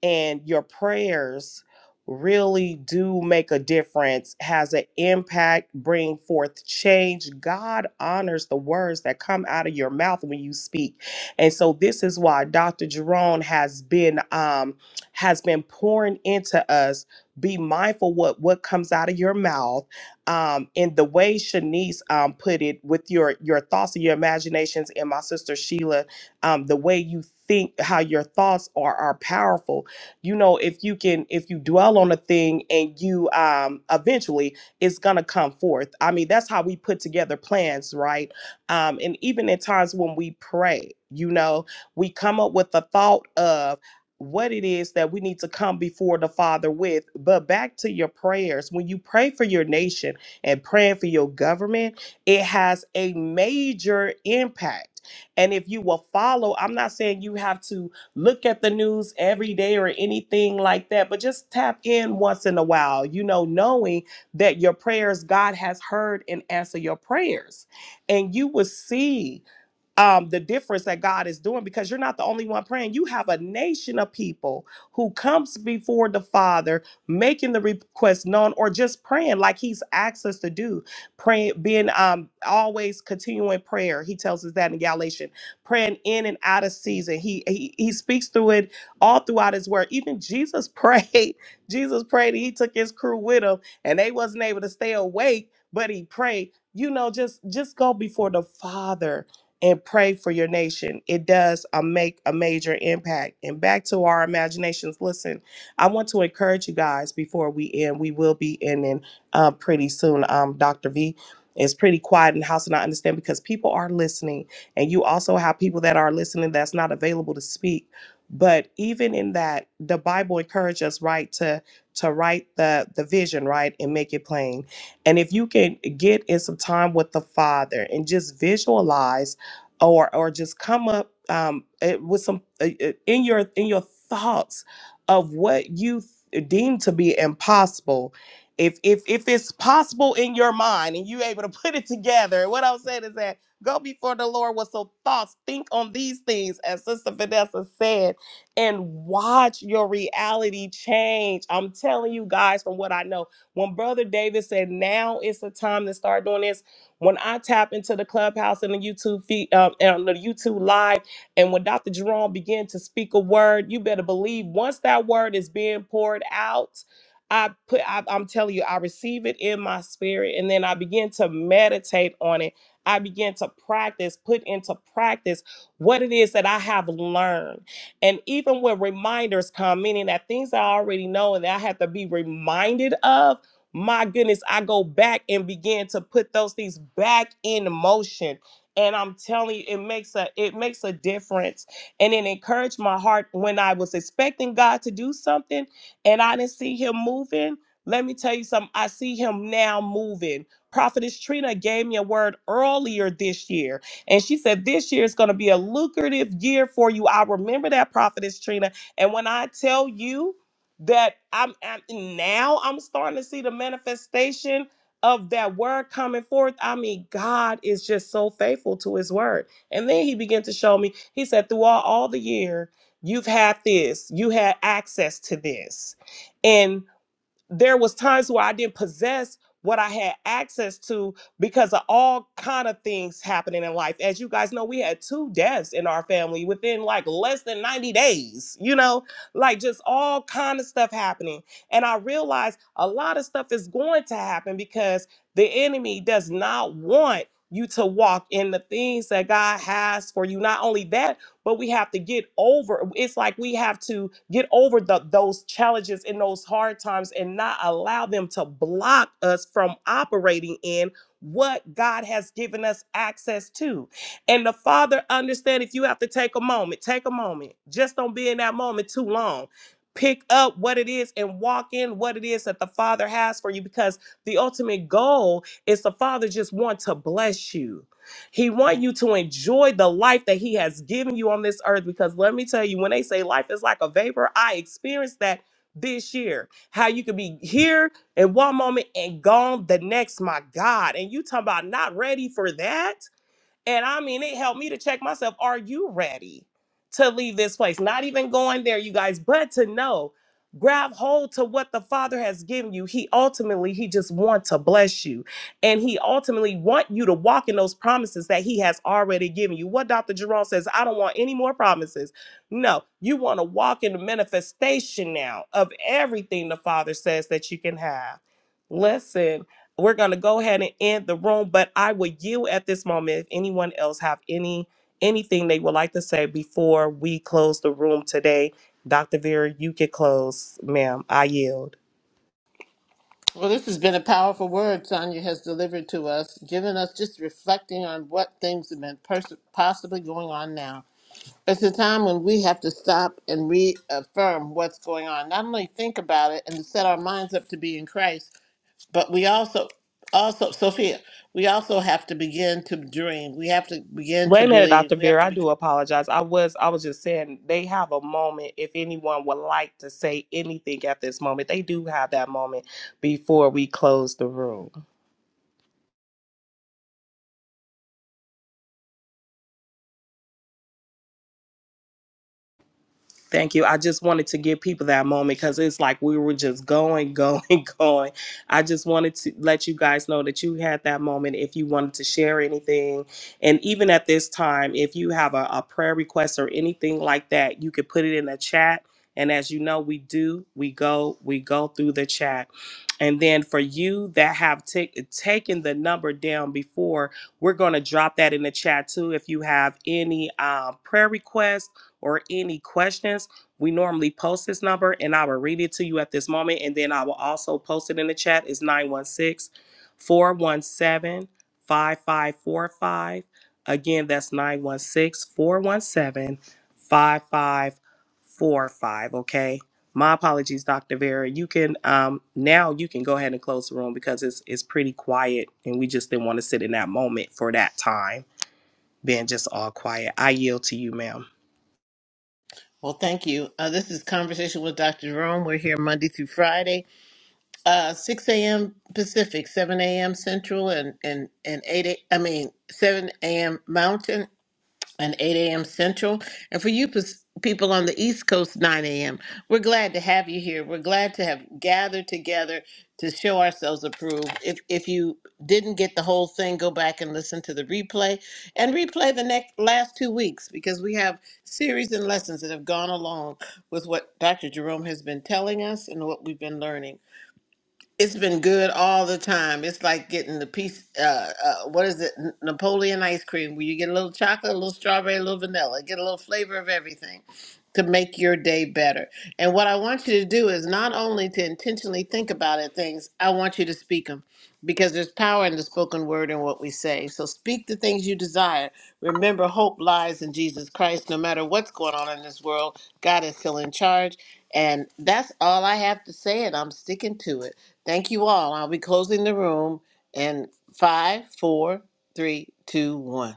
Speaker 4: and your prayers really do make a difference has an impact bring forth change god honors the words that come out of your mouth when you speak and so this is why dr jerome has been um has been pouring into us be mindful what what comes out of your mouth um and the way shanice um put it with your your thoughts and your imaginations and my sister sheila um, the way you think how your thoughts are are powerful you know if you can if you dwell on a thing and you um eventually it's gonna come forth i mean that's how we put together plans right um and even in times when we pray you know we come up with the thought of what it is that we need to come before the Father with. But back to your prayers, when you pray for your nation and praying for your government, it has a major impact and if you will follow, I'm not saying you have to look at the news every day or anything like that, but just tap in once in a while, you know, knowing that your prayers, God has heard and answered your prayers. And you will see um, the difference that God is doing because you're not the only one praying. You have a nation of people who comes before the Father, making the request known or just praying like He's asked us to do. Praying, being um, always continuing prayer. He tells us that in Galatians, praying in and out of season. He, he He speaks through it all throughout His Word. Even Jesus [laughs] prayed. Jesus prayed. And He took His crew with Him, and they wasn't able to stay awake, but He prayed. You know, just just go before the Father and pray for your nation. It does uh, make a major impact. And back to our imaginations. Listen, I want to encourage you guys before we end. We will be ending uh, pretty soon. Um, Dr. V is pretty quiet in the house, and I understand because people are listening. And you also have people that are listening that's not available to speak. But even in that, the Bible encourages us, right, to to write the the vision, right, and make it plain. And if you can get in some time with the Father and just visualize or or just come up um, it, with some uh, uh, in your in your thoughts of what you th- deem to be impossible. If if if it's possible in your mind and you able to [laughs] put it together, what I'm saying is that go before the Lord with some thoughts. Think on these things, as Sister Vanessa said, and watch your reality change. I'm telling you guys from what I know. When Brother David said, "Now is the time to start doing this." When I tap into the clubhouse and the YouTube feed, um, and the YouTube live, and when Dr. Jerome began to speak a word, you better believe once that word is being poured out, I put I, I'm telling you, I receive it in my spirit, and then I begin to meditate on it. I begin to practice, put into practice what it is that I have learned. And even when reminders come, meaning that things I already know and that I have to be reminded of, my goodness, I go back and begin to put those things back in motion. And I'm telling you, it makes a it makes a difference. And it encouraged my heart when I was expecting God to do something and I didn't see him moving. Let me tell you something. I see him now moving. Prophetess Trina gave me a word earlier this year. And she said, This year is going to be a lucrative year for you. I remember that, Prophetess Trina. And when I tell you, that I'm, I'm now I'm starting to see the manifestation of that word coming forth. I mean, God is just so faithful to his word. And then he began to show me, he said, through all, all the year, you've had this, you had access to this there was times where I didn't possess what I had access to because of all kind of things happening in life. As you guys know, we had two deaths in our family within like less than 90 days, you know, like just all kind of stuff happening. And I realized a lot of stuff is going to happen because the enemy does not want you to walk in the things that God has for you. Not only that, but we have to get over it's like we have to get over the, those challenges and those hard times and not allow them to block us from operating in what God has given us access to. And the Father understand if you have to take a moment, take a moment. Just don't be in that moment too long. Pick up what it is and walk in what it is that the Father has for you because the ultimate goal is the Father just want to bless you. He wants you to enjoy the life that He has given you on this earth. Because let me tell you, when they say life is like a vapor, I experienced that this year. How you could be here in one moment and gone the next, my God. And you talking about not ready for that? And I mean, it helped me to check myself. Are you ready to leave this place? Not even going there, you guys, but to know, grab hold to what the Father has given you. He ultimately, He just wants to bless you. And He ultimately want you to walk in those promises that He has already given you. What Dr. Jerome says, I don't want any more promises. No, you want to walk in the manifestation now of everything the Father says that you can have. Listen we're going to go ahead and end the room but i will yield at this moment if anyone else have any anything they would like to say before we close the room today dr vera you can close ma'am i yield
Speaker 1: Well, this has been a powerful word Sonia has delivered to us, giving us just reflecting on what things have been pers- possibly going on now. It's a time when we have to stop and reaffirm what's going on, not only think about it and set our minds up to be in Christ, but we also also sophia we also have to begin to dream we have to begin
Speaker 4: wait
Speaker 1: to
Speaker 4: a minute dr
Speaker 1: believe we have
Speaker 4: vera
Speaker 1: to
Speaker 4: i
Speaker 1: begin
Speaker 4: do apologize i was i was just saying they have a moment if anyone would like to say anything at this moment they do have that moment before we close the room Thank you. I just wanted to give people that moment because it's like we were just going, going, [laughs] going. I just wanted to let you guys know that you had that moment if you wanted to share anything. And even at this time, if you have a, a prayer request or anything like that, you could put it in the chat. And as you know, we do, we go, we go through the chat. And then for you that have ta- taken the number down before, we're going to drop that in the chat too. If you have any uh, prayer requests, or any questions, we normally post this number and I will read it to you at this moment. And then I will also post it in the chat. It's 916 417 5545. Again, that's nine one six four one seven five five four five. Okay. My apologies, Dr. Vera. You can um now you can go ahead and close the room because it's it's pretty quiet and we just didn't want to sit in that moment for that time, being just all quiet. I yield to you, ma'am.
Speaker 1: well thank you uh, this is conversation with dr jerome we're here monday through friday uh, 6 a.m pacific 7 a.m central and and, and 8 a, i mean 7 a.m mountain and 8 a.m. Central. And for you pers- people on the East Coast, 9 a.m. We're glad to have you here. We're glad to have gathered together to show ourselves approved. If, if you didn't get the whole thing, go back and listen to the replay and replay the next last two weeks because we have series and lessons that have gone along with what Dr. Jerome has been telling us and what we've been learning. It's been good all the time. It's like getting the piece. Uh, uh, what is it? N- Napoleon ice cream, where you get a little chocolate, a little strawberry, a little vanilla, get a little flavor of everything to make your day better. And what I want you to do is not only to intentionally think about it, things I want you to speak them, because there's power in the spoken word and what we say. So speak the things you desire. Remember, hope lies in Jesus Christ. No matter what's going on in this world, God is still in charge. And that's all I have to say, and I'm sticking to it. Thank you all. I'll be closing the room in five, four, three, two, one.